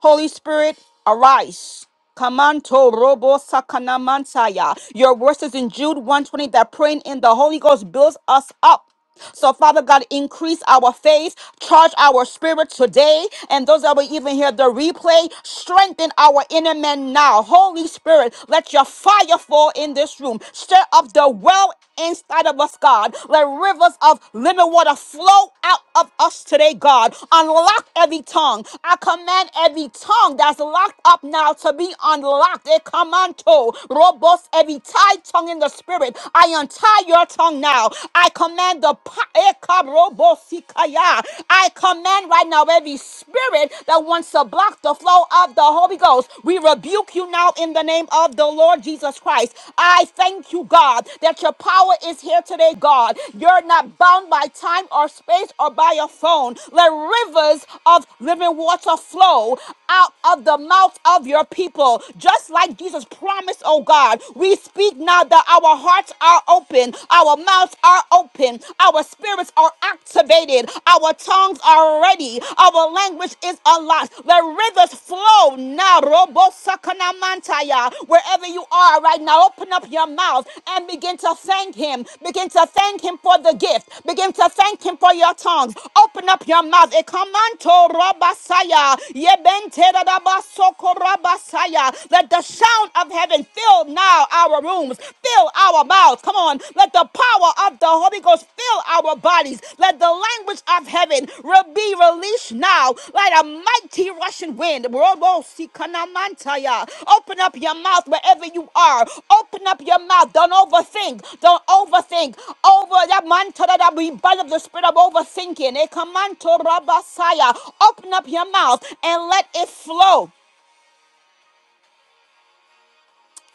S1: Holy Spirit, arise. Kamanto robo sakana Mansaya. Your verses in Jude 120 that praying in the Holy Ghost builds us up. So, Father God, increase our faith, charge our spirit today, and those that will even hear the replay, strengthen our inner man now. Holy Spirit, let your fire fall in this room. Stir up the well inside of us, God. Let rivers of living water flow out of us today, God. Unlock every tongue. I command every tongue that's locked up now to be unlocked. It command to robust every tied tongue in the spirit. I untie tie your tongue now. I command the pa- Ekarobosikaya. I command right now every spirit that wants to block the flow of the Holy Ghost. We rebuke you now in the name of the Lord Jesus Christ. I thank you, God, that your power is here today, God. You're not bound by time or space or by your phone. Let rivers of living water flow out of the mouth of your people, just like Jesus promised, oh God. We speak speak now that our hearts are open, our mouths are open, our spirits are activated, our tongues are ready, our language is unlocked. The rivers flow now. Robo Sakanamantaya. Wherever you are right now, open up your mouth and begin to thank Him. Begin to thank Him for the gift. Begin to thank Him for your tongues. Open up your mouth. Ekamanto Rabasaya. Yebente Rabasoko Rabasaya. Let the sound of heaven fill now our rooms, fill our mouths. Come on, let the power of the Holy Ghost fill our bodies. Let the language of heaven re- be released now, like a mighty rushing wind. Robo-sikanamantaya. Open up your mouth wherever you are. Open up your mouth. Don't overthink. Don't overthink. Over that mantra that we bind up the spirit of overthinking. Ekamanto rabasaya. Open up your mouth and let it flow.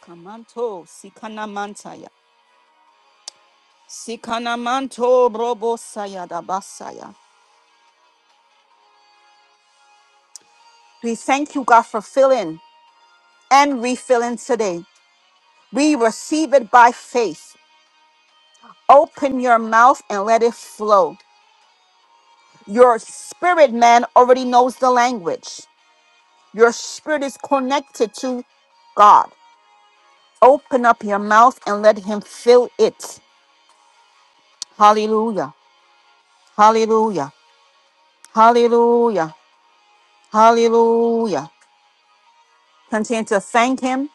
S1: Kamanto sikanamantaya. Sikanamanto brobo sayada basaya. We thank you, God, for filling and refilling today. We receive it by faith. Open your mouth and let it flow. Your spirit man already knows the language. Your spirit is connected to God. Open up your mouth and let him fill it. Hallelujah. Hallelujah. Hallelujah. Hallelujah. Continue to thank Him.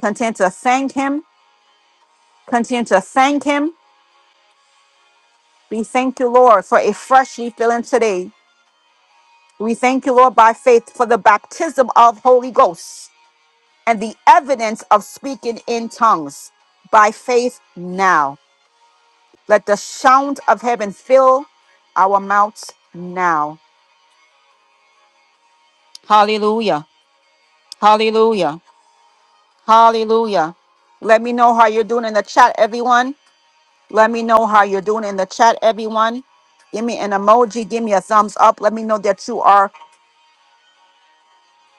S1: Continue to thank Him. Continue to thank Him. We thank you, Lord, for a fresh refilling today. We thank you, Lord, by faith for the baptism of Holy Ghost and the evidence of speaking in tongues by faith now. Let the sound of heaven fill our mouths now. Hallelujah. Hallelujah. Hallelujah. Let me know how you're doing in the chat, everyone. Let me know how you're doing in the chat, everyone. Give me an emoji. Give me a thumbs up. Let me know that you are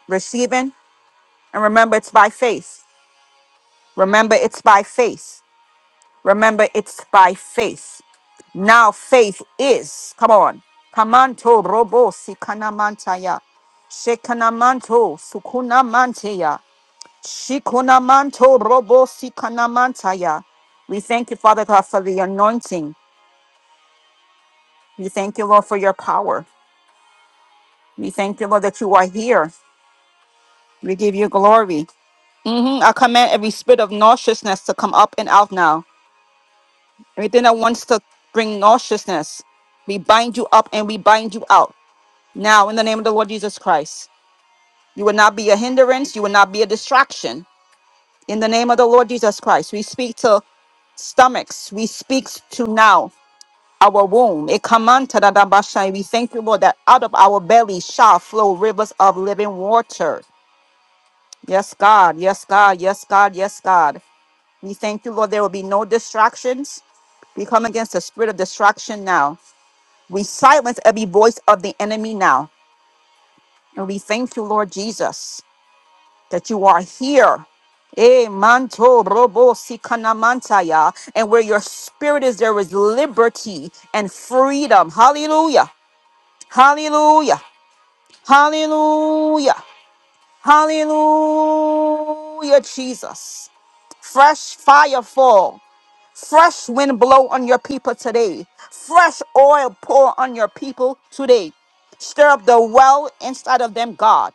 S1: receiving. And remember, it's by faith. Remember, it's by faith. Remember, it's by faith. Now, faith is. Come on. Kamanto robo sikanamantaya. Shekanamanto sukunamanteya. Shikunamanto robo sikanamantaya. We thank you, Father God, for the anointing. We thank you, Lord, for your power. We thank you, Lord, that you are here. We give you glory. hmm I command every spirit of nauseousness to come up and out now. Everything that wants to bring nauseousness, we bind you up and we bind you out. Now, in the name of the Lord Jesus Christ, you will not be a hindrance. You will not be a distraction. In the name of the Lord Jesus Christ, we speak to stomachs. We speak to now our womb. It come unto the Dabashai. We thank you, Lord, that out of our belly shall flow rivers of living water. Yes, God. Yes, God. Yes, God. Yes, God. We thank you, Lord. There will be no distractions. We come against the spirit of distraction now. We silence every voice of the enemy now. And we thank you, Lord Jesus, that you are here. Eh, manto robo si And where your spirit is, there is liberty and freedom. Hallelujah. Hallelujah. Hallelujah. Hallelujah, Jesus. Fresh fire fall. Fresh wind blow on your people today. Fresh oil pour on your people today. Stir up the well inside of them, God.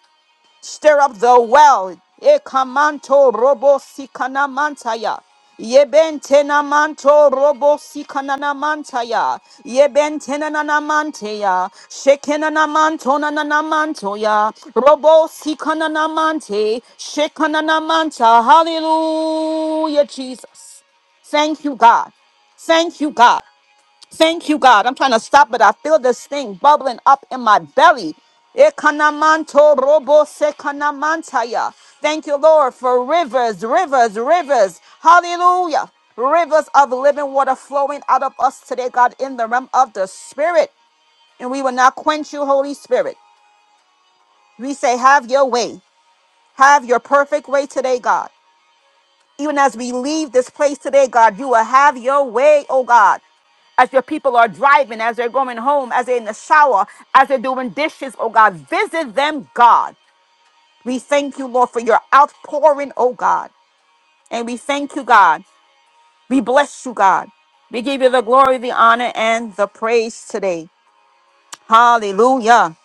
S1: Stir up the well. Ekamanto robo sikana mantaya. Yebentena manto robo sikana na mantaya. Yebentena na na manteya. Shekena na manto na na mantoya. Robo sikana mante. Shekana na manta. Hallelujah, Jesus. Thank you, God. Thank you, God. Thank you, God. I'm trying to stop, but I feel this thing bubbling up in my belly. Ekanamanto robo sekanamantaya. Thank you, Lord, for rivers, rivers, rivers. Hallelujah. Rivers of living water flowing out of us today, God, in the realm of the Spirit. And we will not quench you, Holy Spirit. We say, Have your way. Have your perfect way today, God. Even as we leave this place today, God, you will have your way, oh God. As your people are driving, as they're going home, as they're in the shower, as they're doing dishes, oh God, visit them, God. We thank you, Lord, for your outpouring, oh God. And we thank you, God. We bless you, God. We give you the glory, the honor, and the praise today. Hallelujah.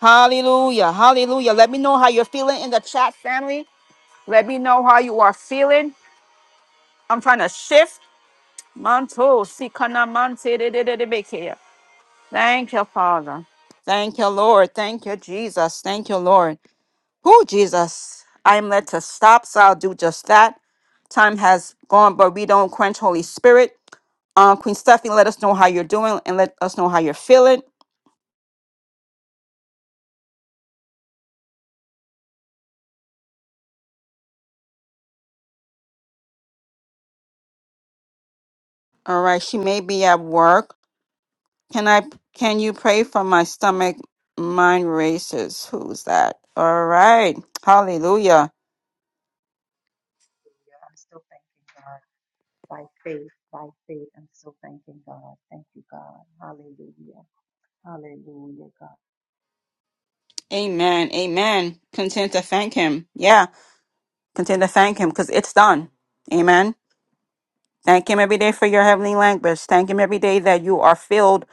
S1: Hallelujah. Hallelujah. Let me know how you're feeling in the chat, family. Let me know how you are feeling. I'm trying to shift. Manto, sikana mante de de de de bekea. Thank you, Father. Thank you, Lord. Thank you, Jesus. Thank you, Lord. Who, Jesus? I am led to stop, so I'll do just that. Time has gone, but we don't quench Holy Spirit. Um, Queen Stephanie, let us know how you're doing and let us know how you're feeling. All right, she may be at work. Can I? Can you pray for my stomach? Mind races. Who's that? All right. Hallelujah.
S10: Yeah, I'm still thanking God by faith, by faith. I'm still thanking God. Thank you, God. Hallelujah. Hallelujah, God.
S1: Amen. Amen. Content to thank him. Yeah. Continue to thank Him because it's done. Amen. Thank Him every day for your heavenly language. Thank Him every day that you are filled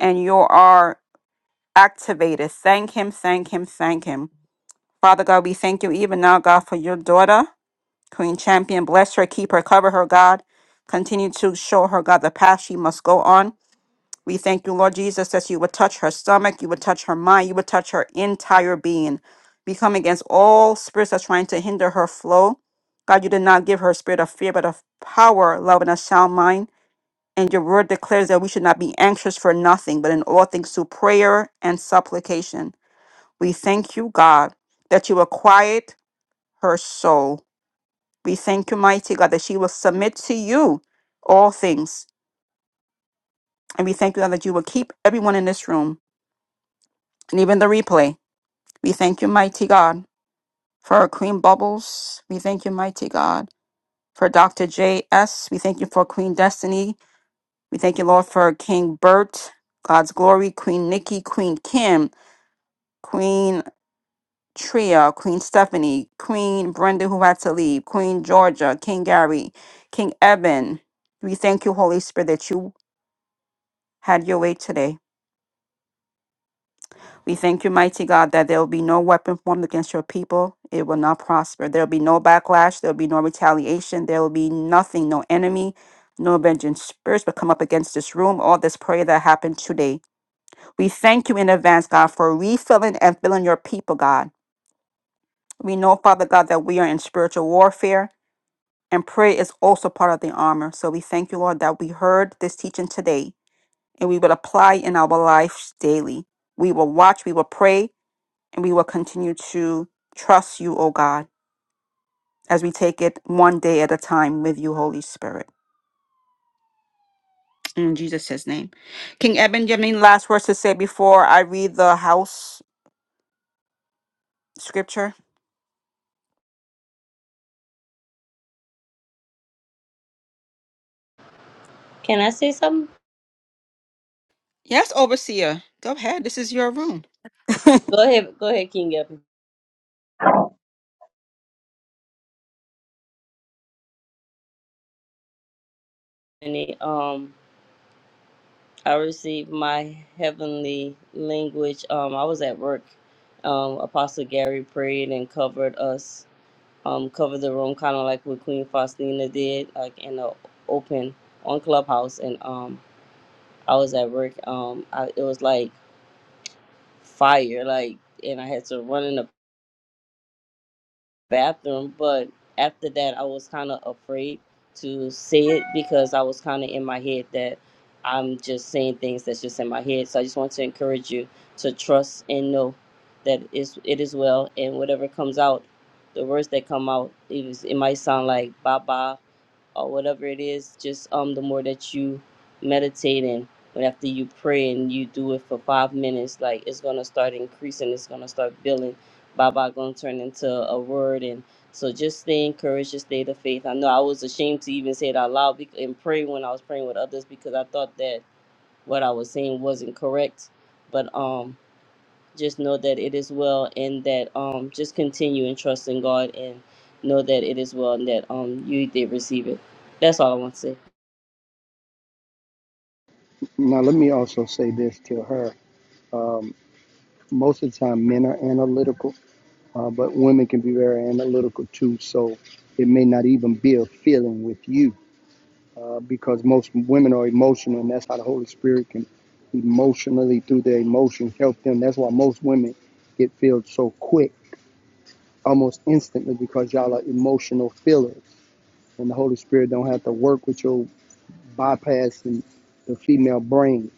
S1: and you are activated. Thank Him, thank Him, thank Him. Father God, we thank you even now, God, for your daughter, Queen Champion. Bless her, keep her, cover her, God. Continue to show her, God, the path she must go on. We thank you, Lord Jesus, that you would touch her stomach, you would touch her mind, you would touch her entire being. We come against all spirits that's trying to hinder her flow. God, you did not give her a spirit of fear, but of power, love, and a sound mind. And your word declares that we should not be anxious for nothing, but in all things through prayer and supplication. We thank you, God, that you will quiet her soul. We thank you, mighty God, that she will submit to you all things. And we thank you, God, that you will keep everyone in this room and even the replay. We thank you, mighty God, for Queen Bubbles. We thank you, mighty God, for Dr. J.S. We thank you for Queen Destiny. We thank you, Lord, for King Bert, God's Glory, Queen Nikki, Queen Kim, Queen Tria, Queen Stephanie, Queen Brenda, who had to leave, Queen Georgia, King Gary, King Eben. We thank you, Holy Spirit, that you had your way today. We thank you, mighty God, that there will be no weapon formed against your people. It will not prosper. There will be no backlash. There will be no retaliation. There will be nothing, no enemy, no vengeance spirits will come up against this room or this prayer that happened today. We thank you in advance, God, for refilling and filling your people, God. We know, Father God, that we are in spiritual warfare and prayer is also part of the armor. So we thank you, Lord, that we heard this teaching today and we will apply in our lives daily. We will watch, we will pray, and we will continue to trust you, O God, as we take it one day at a time with you, Holy Spirit. In Jesus' name. King Eben, do you have any last words to say before I read the house scripture?
S8: Can I say something?
S1: Yes, overseer. Go ahead. This is your room.
S8: Go ahead, go ahead, King Epiphany. Um, I received my heavenly language. Um, I was at work. Um, Apostle Gary prayed and covered us. Um, covered the room kind of like what Queen Faustina did, like in the open on Clubhouse. And um, I was at work. Um, I, it was like fire, like, and I had to run in the bathroom. But after that, I was kind of afraid to say it because I was kind of in my head that I'm just saying things that's just in my head. So I just want to encourage you to trust and know that it's, it is well, and whatever comes out, the words that come out, it, is, it might sound like baba or whatever it is just um the more that you meditate and when after you pray and you do it for five minutes like it's gonna start increasing it's gonna start building baba gonna turn into a word and so just stay encouraged just stay the faith i know i was ashamed to even say it out loud bec- and pray when i was praying with others because i thought that what i was saying wasn't correct but um just know that it is well and that um just continue and trust in God and know that it is well and that um you did receive it. That's all I want to say.
S2: Now let me also say this to her. Most of the time men are analytical, uh, but women can be very analytical too. So it may not even be a feeling with you uh, because most women are emotional, and that's how the Holy Spirit can emotionally, through their emotions, help them. That's why most women get filled so quick, almost instantly, because y'all are emotional fillers, and the Holy Spirit don't have to work with your bypassing the female brain.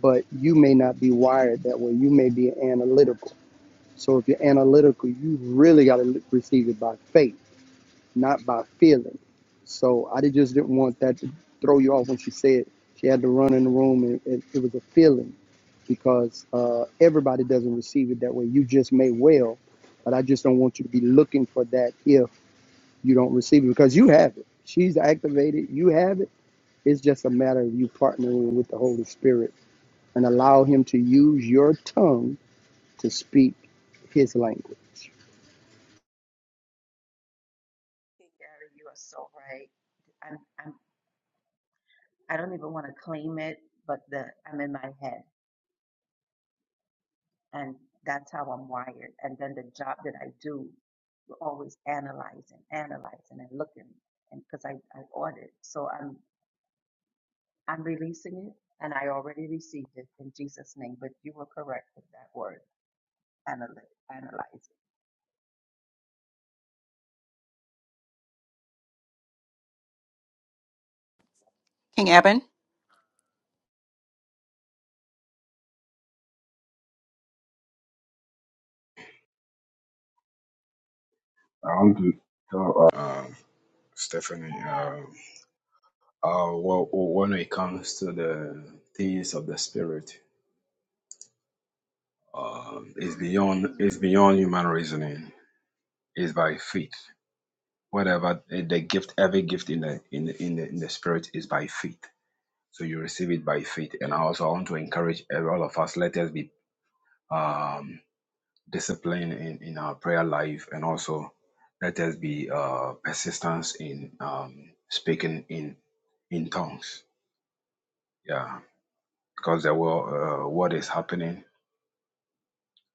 S2: But you may not be wired that way. You may be analytical. So if you're analytical, you really got to receive it by faith not by feeling. So I did- just didn't want that to throw you off when she said she had to run in the room and it, it was a feeling because uh, everybody doesn't receive it that way. You just may well, but I just don't want you to be looking for that if you don't receive it because you have it. She's activated, you have it. It's just a matter of you partnering with the Holy Spirit and allow Him to use your tongue to speak His language.
S10: Gary, you are so right. I'm, I'm, I don't even want to claim it, but the I'm in my head, and that's how I'm wired. And then the job that I do, we're always analyzing, analyzing, and looking, and because I, I audit, so I'm I'm releasing it, and I already received it in Jesus' name. But you were correct with that word, analyze, analyze.
S1: King Eben.
S3: I want to tell uh, Stephanie. Uh, uh, well, when it comes to the things of the spirit, It's beyond it's beyond human reasoning. It's by faith. Whatever eh, the gift, every gift in the in the, in the in the spirit is by faith. So you receive it by faith. And I also want to encourage every- all of us. Let us be um, disciplined in in our prayer life, and also let us be uh, persistence in um, speaking in in tongues. Yeah, because the world, uh, what is happening,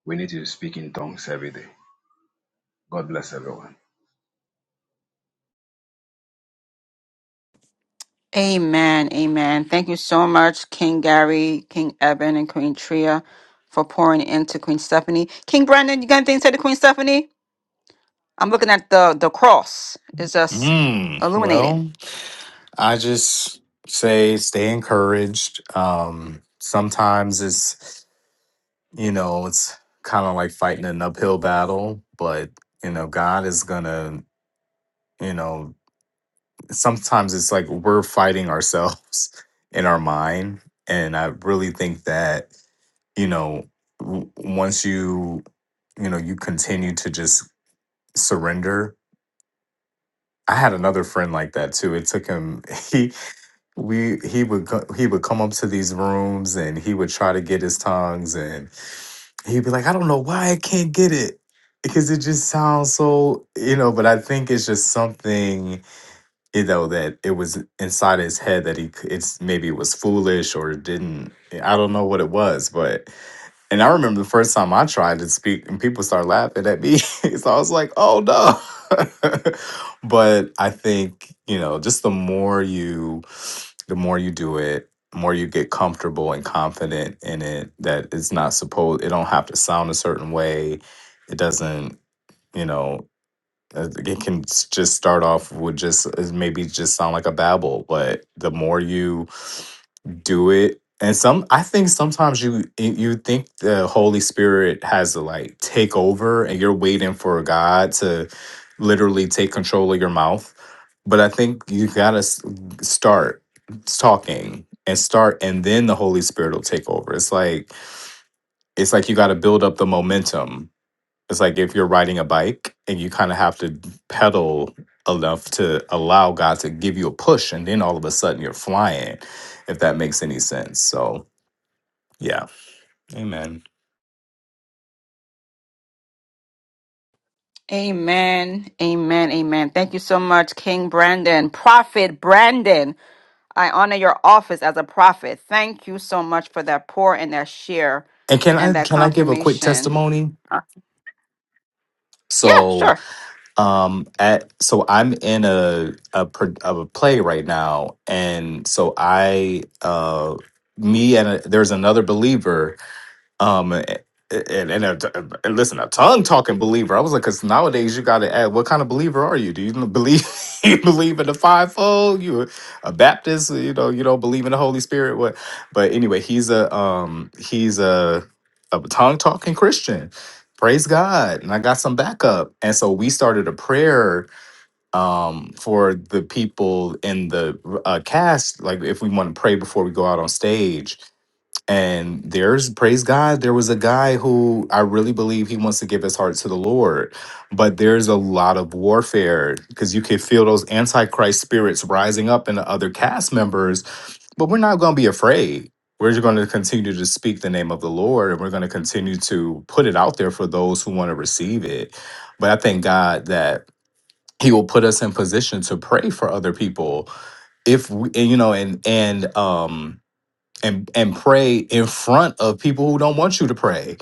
S3: we need to speak in tongues every day. God bless everyone.
S1: Amen. Amen. Thank you so much, King Gary, King Eben, and Queen Tria for pouring into Queen Stephanie. King Brandon, you got anything to say to Queen Stephanie? I'm looking at the the cross. It's just
S9: Mm,
S1: illuminating.
S9: well, I just say stay encouraged. Um, sometimes it's you know, it's kind of like fighting an uphill battle, but you know, God is gonna, you know, sometimes it's like we're fighting ourselves in our mind. And I really think that, you know, w- once you, you know, you continue to just surrender. I had another friend like that too. It took him, we he would co- he would come up to these rooms and he would try to get his tongues and he'd be like, I don't know why I can't get it because it just sounds so you know. But I think it's just something you know that it was inside his head that he c- it's maybe it was foolish or it didn't. I don't know what it was, but and I remember the first time I tried to speak and people started laughing at me. so I was like, oh no. but I think, you know, just the more you the more you do it, the more you get comfortable and confident in it that it's not supposed it don't have to sound a certain way. It doesn't, you know, uh, it can s- just start off with just uh, maybe just sound like a babble, but the more you do it and some i think sometimes you you think the holy spirit has to like take over and you're waiting for god to literally take control of your mouth but i think you gotta start talking and start and then the holy spirit will take over it's like it's like you gotta build up the momentum it's like if you're riding a bike and you kind of have to pedal enough to allow God to give you a push, and then all of a sudden you're flying, if that makes any sense. So yeah, Amen.
S1: Amen. Amen. Amen. Thank you so much, King Brandon. Prophet Brandon, I honor your office as a prophet. Thank you so much for that pour and that share
S9: And can
S1: and
S9: I
S1: that
S9: can I give a quick
S1: confirmation.
S9: testimony?
S1: Uh, yeah,
S9: So
S1: sure.
S9: um at so I'm in a a pro- of a play right now, and so I uh me and a, there's another believer Um, and and, and, a, and listen, a tongue talking believer. I was like, because nowadays you got to add, what kind of believer are you? Do you believe you believe in the fivefold? You a a Baptist? You know, you don't believe in the Holy Spirit? What? But anyway, he's a um, he's a a tongue talking Christian. Praise God, and I got some backup, and so we started a prayer um, for the people in the uh, cast. Like, if we want to pray before we go out on stage, and there's praise God, there was a guy who I really believe he wants to give his heart to the Lord. But there's a lot of warfare because you can feel those antichrist spirits rising up in the other cast members. But we're not going to be afraid. We're just going to continue to speak the name of the Lord and we're going to continue to put it out there for those who want to receive it. But I thank God that he will put us in position to pray for other people if we, and, you know and and um and and pray in front of people who don't want you to pray.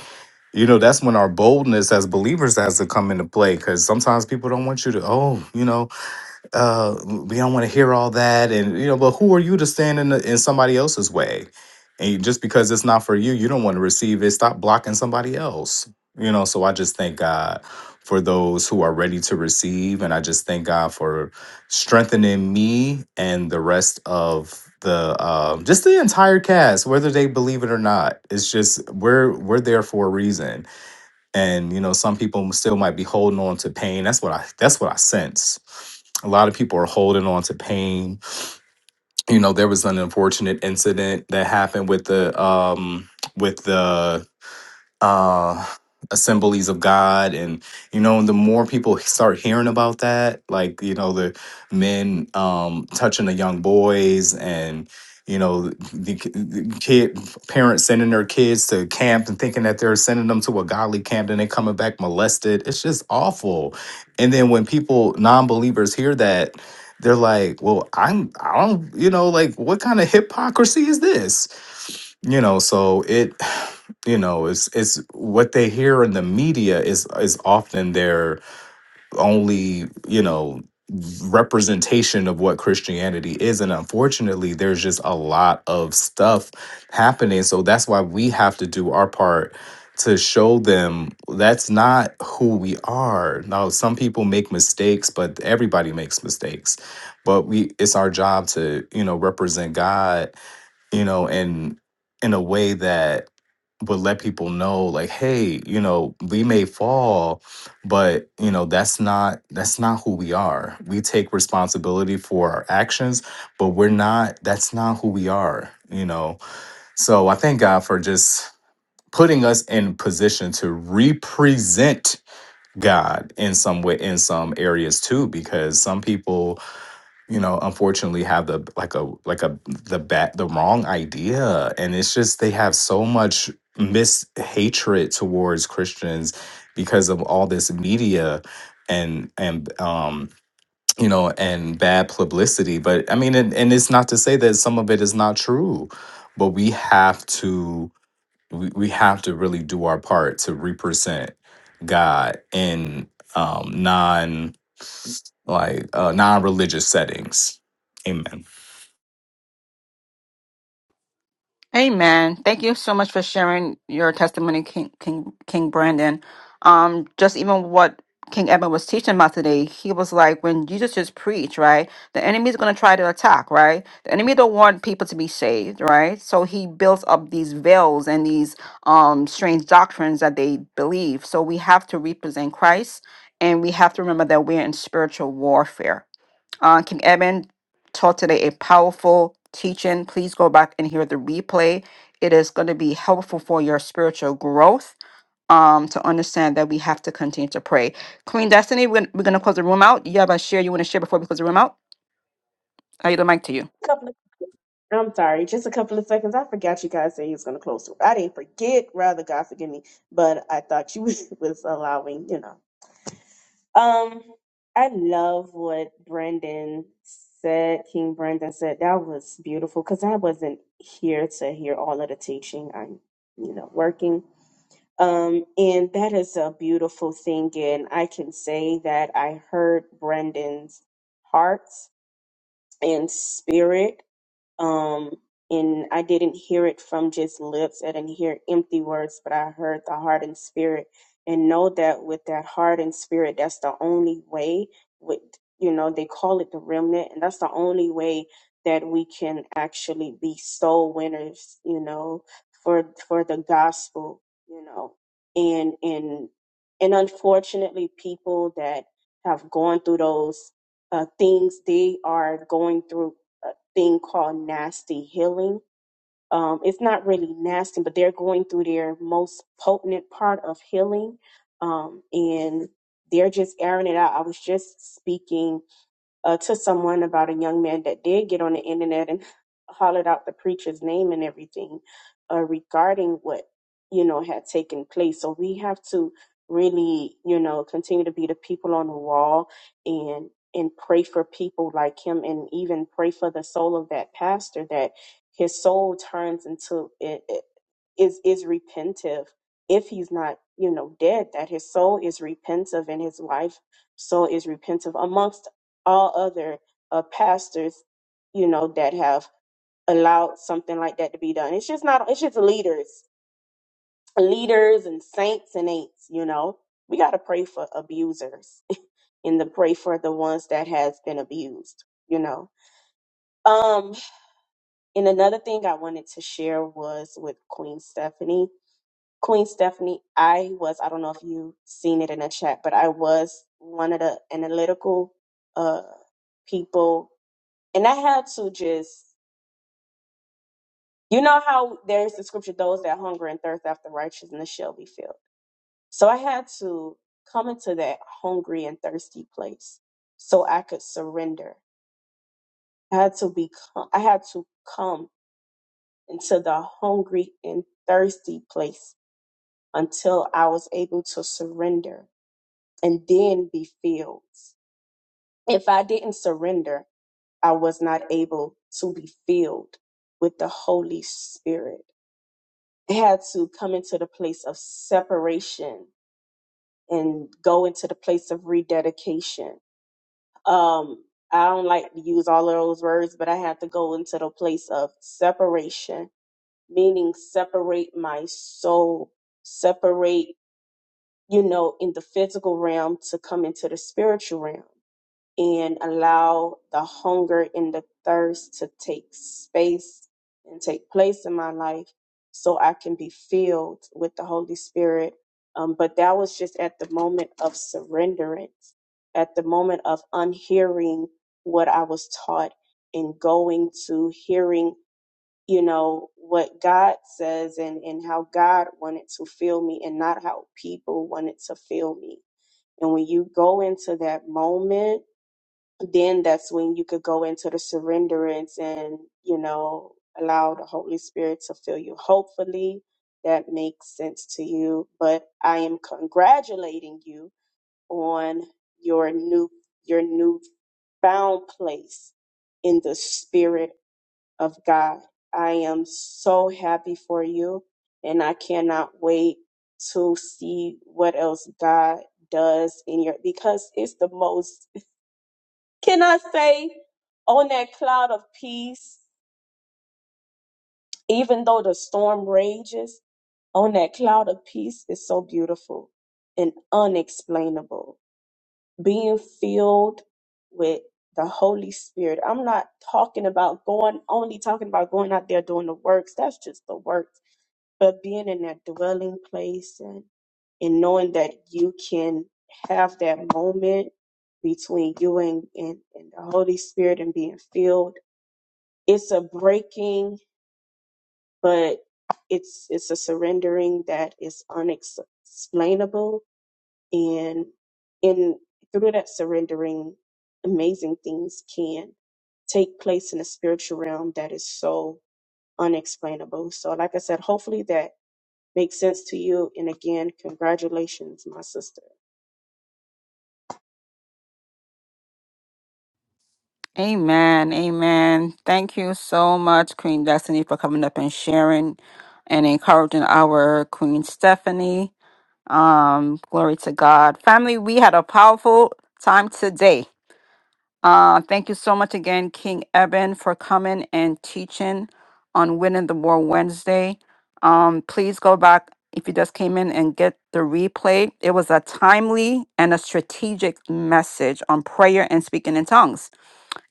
S9: You know, that's when our boldness as believers has to come into play because sometimes people don't want you to. Oh, you know, uh we don't want to hear all that and you know but who are you to stand in, the, in somebody else's way and just because it's not for you you don't want to receive it stop blocking somebody else you know so i just thank god for those who are ready to receive and i just thank god for strengthening me and the rest of the um just the entire cast whether they believe it or not it's just we're we're there for a reason and you know some people still might be holding on to pain that's what i that's what i sense a lot of people are holding on to pain you know there was an unfortunate incident that happened with the um with the uh assemblies of god and you know the more people start hearing about that like you know the men um touching the young boys and you know the, the kid parents sending their kids to camp and thinking that they're sending them to a godly camp and they coming back molested it's just awful and then when people non-believers hear that they're like well i'm i don't you know like what kind of hypocrisy is this you know so it you know it's it's what they hear in the media is is often their only you know representation of what christianity is and unfortunately there's just a lot of stuff happening so that's why we have to do our part to show them that's not who we are now some people make mistakes but everybody makes mistakes but we it's our job to you know represent god you know, and in a way that would let people know like, hey, you know, we may fall, but you know, that's not that's not who we are. We take responsibility for our actions, but we're not that's not who we are, you know. So I thank God for just putting us in position to represent God in some way in some areas too because some people you know unfortunately have the like a like a the bad the wrong idea and it's just they have so much mis hatred towards christians because of all this media and and um you know and bad publicity but i mean and, and it's not to say that some of it is not true but we have to we, we have to really do our part to represent god in um non like uh non-religious settings amen
S1: Amen. Thank you so much for sharing your testimony, King King King Brandon. Um, just even what King Edmund was teaching about today, he was like, when Jesus just preached, right? The enemy is going to try to attack, right? The enemy don't want people to be saved, right? So he builds up these veils and these um strange doctrines that they believe. So we have to represent Christ, and we have to remember that we're in spiritual warfare. Uh, King Edmund taught today a powerful teaching. Please go back and hear the replay. It is going to be helpful for your spiritual growth um, to understand that we have to continue to pray. Queen Destiny, we're, we're going to close the room out. You have a share you want to share before we close the room out? I yield the mic to you.
S11: couple of, I'm sorry, just a couple of seconds. I forgot you guys said he was going to close. the- room. I didn't forget, rather, God forgive me, but I thought you was allowing, you know. Um, I love what Brendan said, King Brendan said. That was beautiful because I wasn't here to hear all of the teaching. I'm, you know, working. Um, and that is a beautiful thing. And I can say that I heard Brendan's heart and spirit um and i didn't hear it from just lips i didn't hear empty words but i heard the heart and spirit and know that with that heart and spirit that's the only way with you know they call it the remnant and that's the only way that we can actually be soul winners you know for for the gospel you know and and and unfortunately people that have gone through those uh, things they are going through uh, thing called nasty healing. Um, it's not really nasty, but they're going through their most potent part of healing. Um, and they're just airing it out. I was just speaking uh, to someone about a young man that did get on the internet and hollered out the preacher's name and everything uh, regarding what you know had taken place. So we have to really, you know, continue to be the people on the wall and and pray for people like him, and even pray for the soul of that pastor that his soul turns into it, it is is repentive if he's not you know dead that his soul is repentive and his wife soul is repentive amongst all other uh, pastors, you know, that have allowed something like that to be done. It's just not. It's just leaders, leaders and saints and ain'ts. You know, we got to pray for abusers and to pray for the ones that has been abused. You know. Um, and another thing I wanted to share was with Queen Stephanie. Queen Stephanie, I was, I don't know if you seen it in the chat, but I was one of the analytical uh people and I had to just You know how there's the scripture, those that hunger and thirst after righteousness shall be filled. So I had to come into that hungry and thirsty place so I could surrender. I had to become, I had to come into the hungry and thirsty place until I was able to surrender and then be filled. If I didn't surrender, I was not able to be filled with the Holy Spirit. had to come into the place of separation and go into the place of rededication. Um, I don't like to use all of those words, but I had to go into the place of separation, meaning separate my soul, separate, you know, in the physical realm to come into the spiritual realm and allow the hunger and the thirst to take space and take place in my life so I can be filled with the Holy Spirit. Um, but that was just at the moment of surrenderance, at the moment of unhearing what I was taught and going to hearing, you know, what God says and, and how God wanted to fill me and not how people wanted to fill me. And when you go into that moment, then that's when you could go into the surrenderance and you know allow the holy spirit to fill you hopefully that makes sense to you but i am congratulating you on your new your new found place in the spirit of god i am so happy for you and i cannot wait to see what else god does in your because it's the most can I say on that cloud of peace, even though the storm rages, on that cloud of peace is so beautiful and unexplainable. Being filled with the Holy Spirit. I'm not talking about going, only talking about going out there doing the works. That's just the works. But being in that dwelling place and, and knowing that you can have that moment between you and, and, and the Holy Spirit and being filled it's a breaking, but it's it's a surrendering that is unexplainable, and in through that surrendering, amazing things can take place in the spiritual realm that is so unexplainable. So, like I said, hopefully that makes sense to you. And again, congratulations, my sister.
S1: Amen. Amen. Thank you so much, Queen Destiny, for coming up and sharing and encouraging our Queen Stephanie. Um, glory to God. Family, we had a powerful time today. Uh, thank you so much again, King Eben, for coming and teaching on Winning the War Wednesday. Um, please go back if you just came in and get the replay. It was a timely and a strategic message on prayer and speaking in tongues.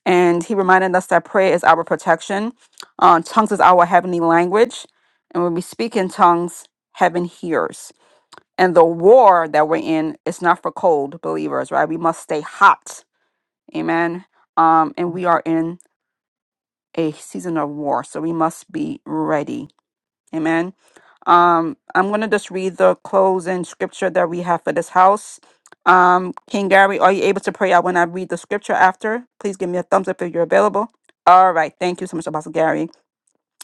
S1: And he reminded us that prayer is our protection, uh, tongues is our heavenly language. And when we speak in tongues, heaven hears. And the war that we're in is not for cold believers, right? We must stay hot Amen. Um, and we are in a season of war, so we must be ready. Amen. Um, I'm going to just read the closing scripture that we have for this house. Um, King Gary, are you able to pray out when I read the scripture after? Please give me a thumbs up if you're available. All right. Thank you so much, Apostle Gary.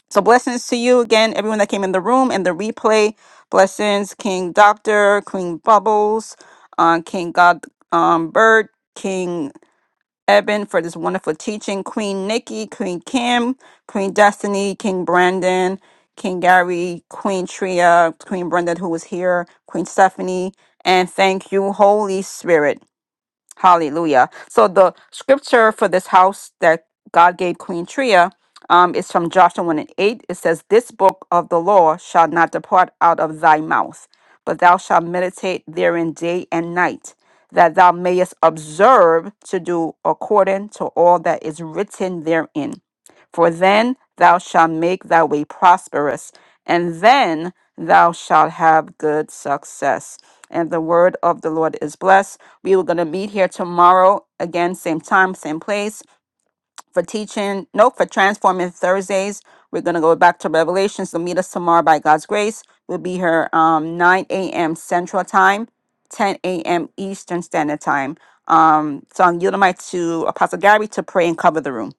S1: So, blessings to you again, everyone that came in the room and the replay. Blessings, King Doctor, Queen Bubbles, uh, King God um, Bird, King Eben for this wonderful teaching. Queen Nikki, Queen Kim, Queen Destiny, King Brandon, King Gary, Queen Tria, Queen Brenda, who was here, Queen Stephanie. And thank you, Holy Spirit. Hallelujah. So the scripture for this house that God gave Queen Tria um, is from Joshua 1 and 8. It says, This book of the law shall not depart out of thy mouth, but thou shalt meditate therein day and night, that thou mayest observe to do according to all that is written therein. For then thou shalt make thy way prosperous, and then thou shalt have good success. And the word of the Lord is blessed. We were going to meet here tomorrow, again, same time, same place, for teaching, nope, for Transforming Thursdays. We're going to go back to Revelations. So meet us tomorrow by God's grace. We'll be here um, 9 a.m. Central Time, 10 a.m. Eastern Standard Time. Um, so I'm yielding my to Apostle Gary to pray and cover the room.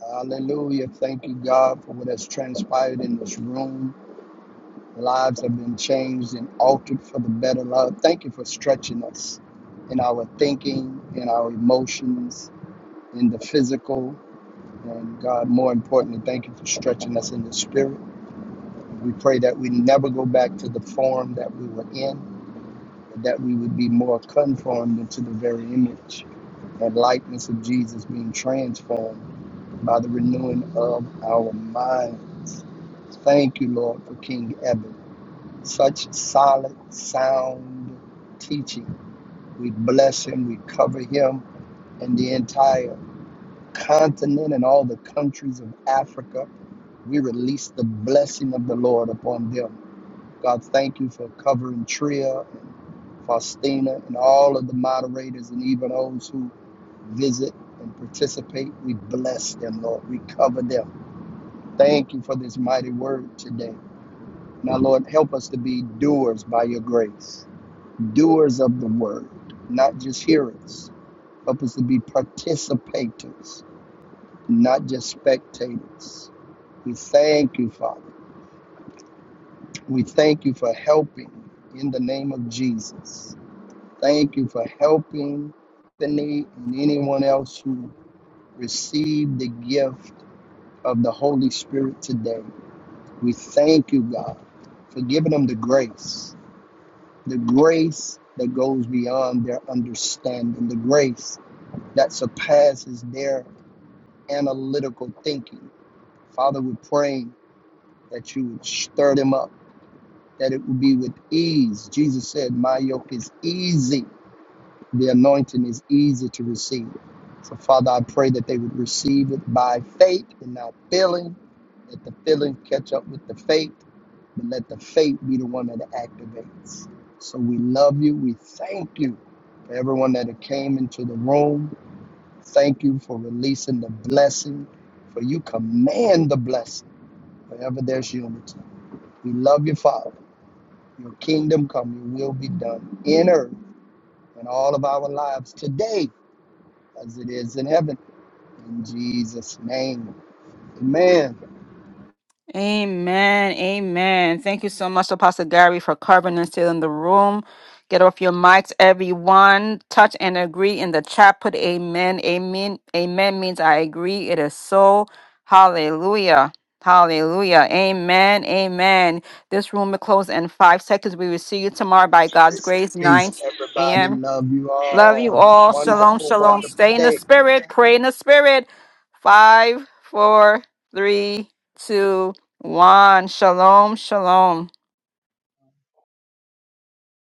S2: Hallelujah. Thank you, God, for what has transpired in this room. Lives have been changed and altered for the better, Lord. Thank you for stretching us in our thinking, in our emotions, in the physical. And God, more importantly, thank you for stretching us in the spirit. We pray that we never go back to the form that we were in, but that we would be more conformed into the very image and likeness of Jesus, being transformed by the renewing of our minds. Thank you, Lord, for King Eben. such solid, sound teaching. We bless him, we cover him and the entire continent and all the countries of Africa. We release the blessing of the Lord upon them. God, thank you for covering Tria and Faustina and all of the moderators and even those who visit and participate. We bless them, Lord. We cover them. Thank you for this mighty word today. Now, Lord, help us to be doers by your grace doers of the word, not just hearers. Help us to be participators, not just spectators. We thank you, Father. We thank you for helping in the name of Jesus. Thank you for helping Anthony and anyone else who received the gift of the Holy Spirit today. We thank you, God, for giving them the grace, the grace that goes beyond their understanding, the grace that surpasses their analytical thinking. Father, we're praying that you would stir them up, that it would be with ease. Jesus said, My yoke is easy, the anointing is easy to receive. So, Father, I pray that they would receive it by faith and not feeling, Let the feeling catch up with the faith, but let the faith be the one that activates. So, we love you. We thank you for everyone that came into the room. Thank you for releasing the blessing, for you command the blessing wherever there's unity. We love you, Father. Your kingdom come, your will be done in earth and all of our lives today as it is in heaven. In Jesus' name. Amen.
S1: Amen. Amen. Thank you so much, Apostle Gary, for covering and still in the room. Get off your mics, everyone. Touch and agree in the chat. Put amen. Amen. Amen means I agree. It is so. Hallelujah. Hallelujah. Amen. Amen. This room will close in five seconds. We will see you tomorrow by God's
S2: Grace and
S1: grace, 9
S2: peace, everybody.
S1: a.m.
S2: Love you
S1: Love you
S2: all.
S1: all. Shalom,
S2: Wonderful,
S1: shalom.
S2: wonderful
S1: Stay in the
S2: day.
S1: spirit. Pray in the spirit. Five, four, three, two, one. Shalom, shalom.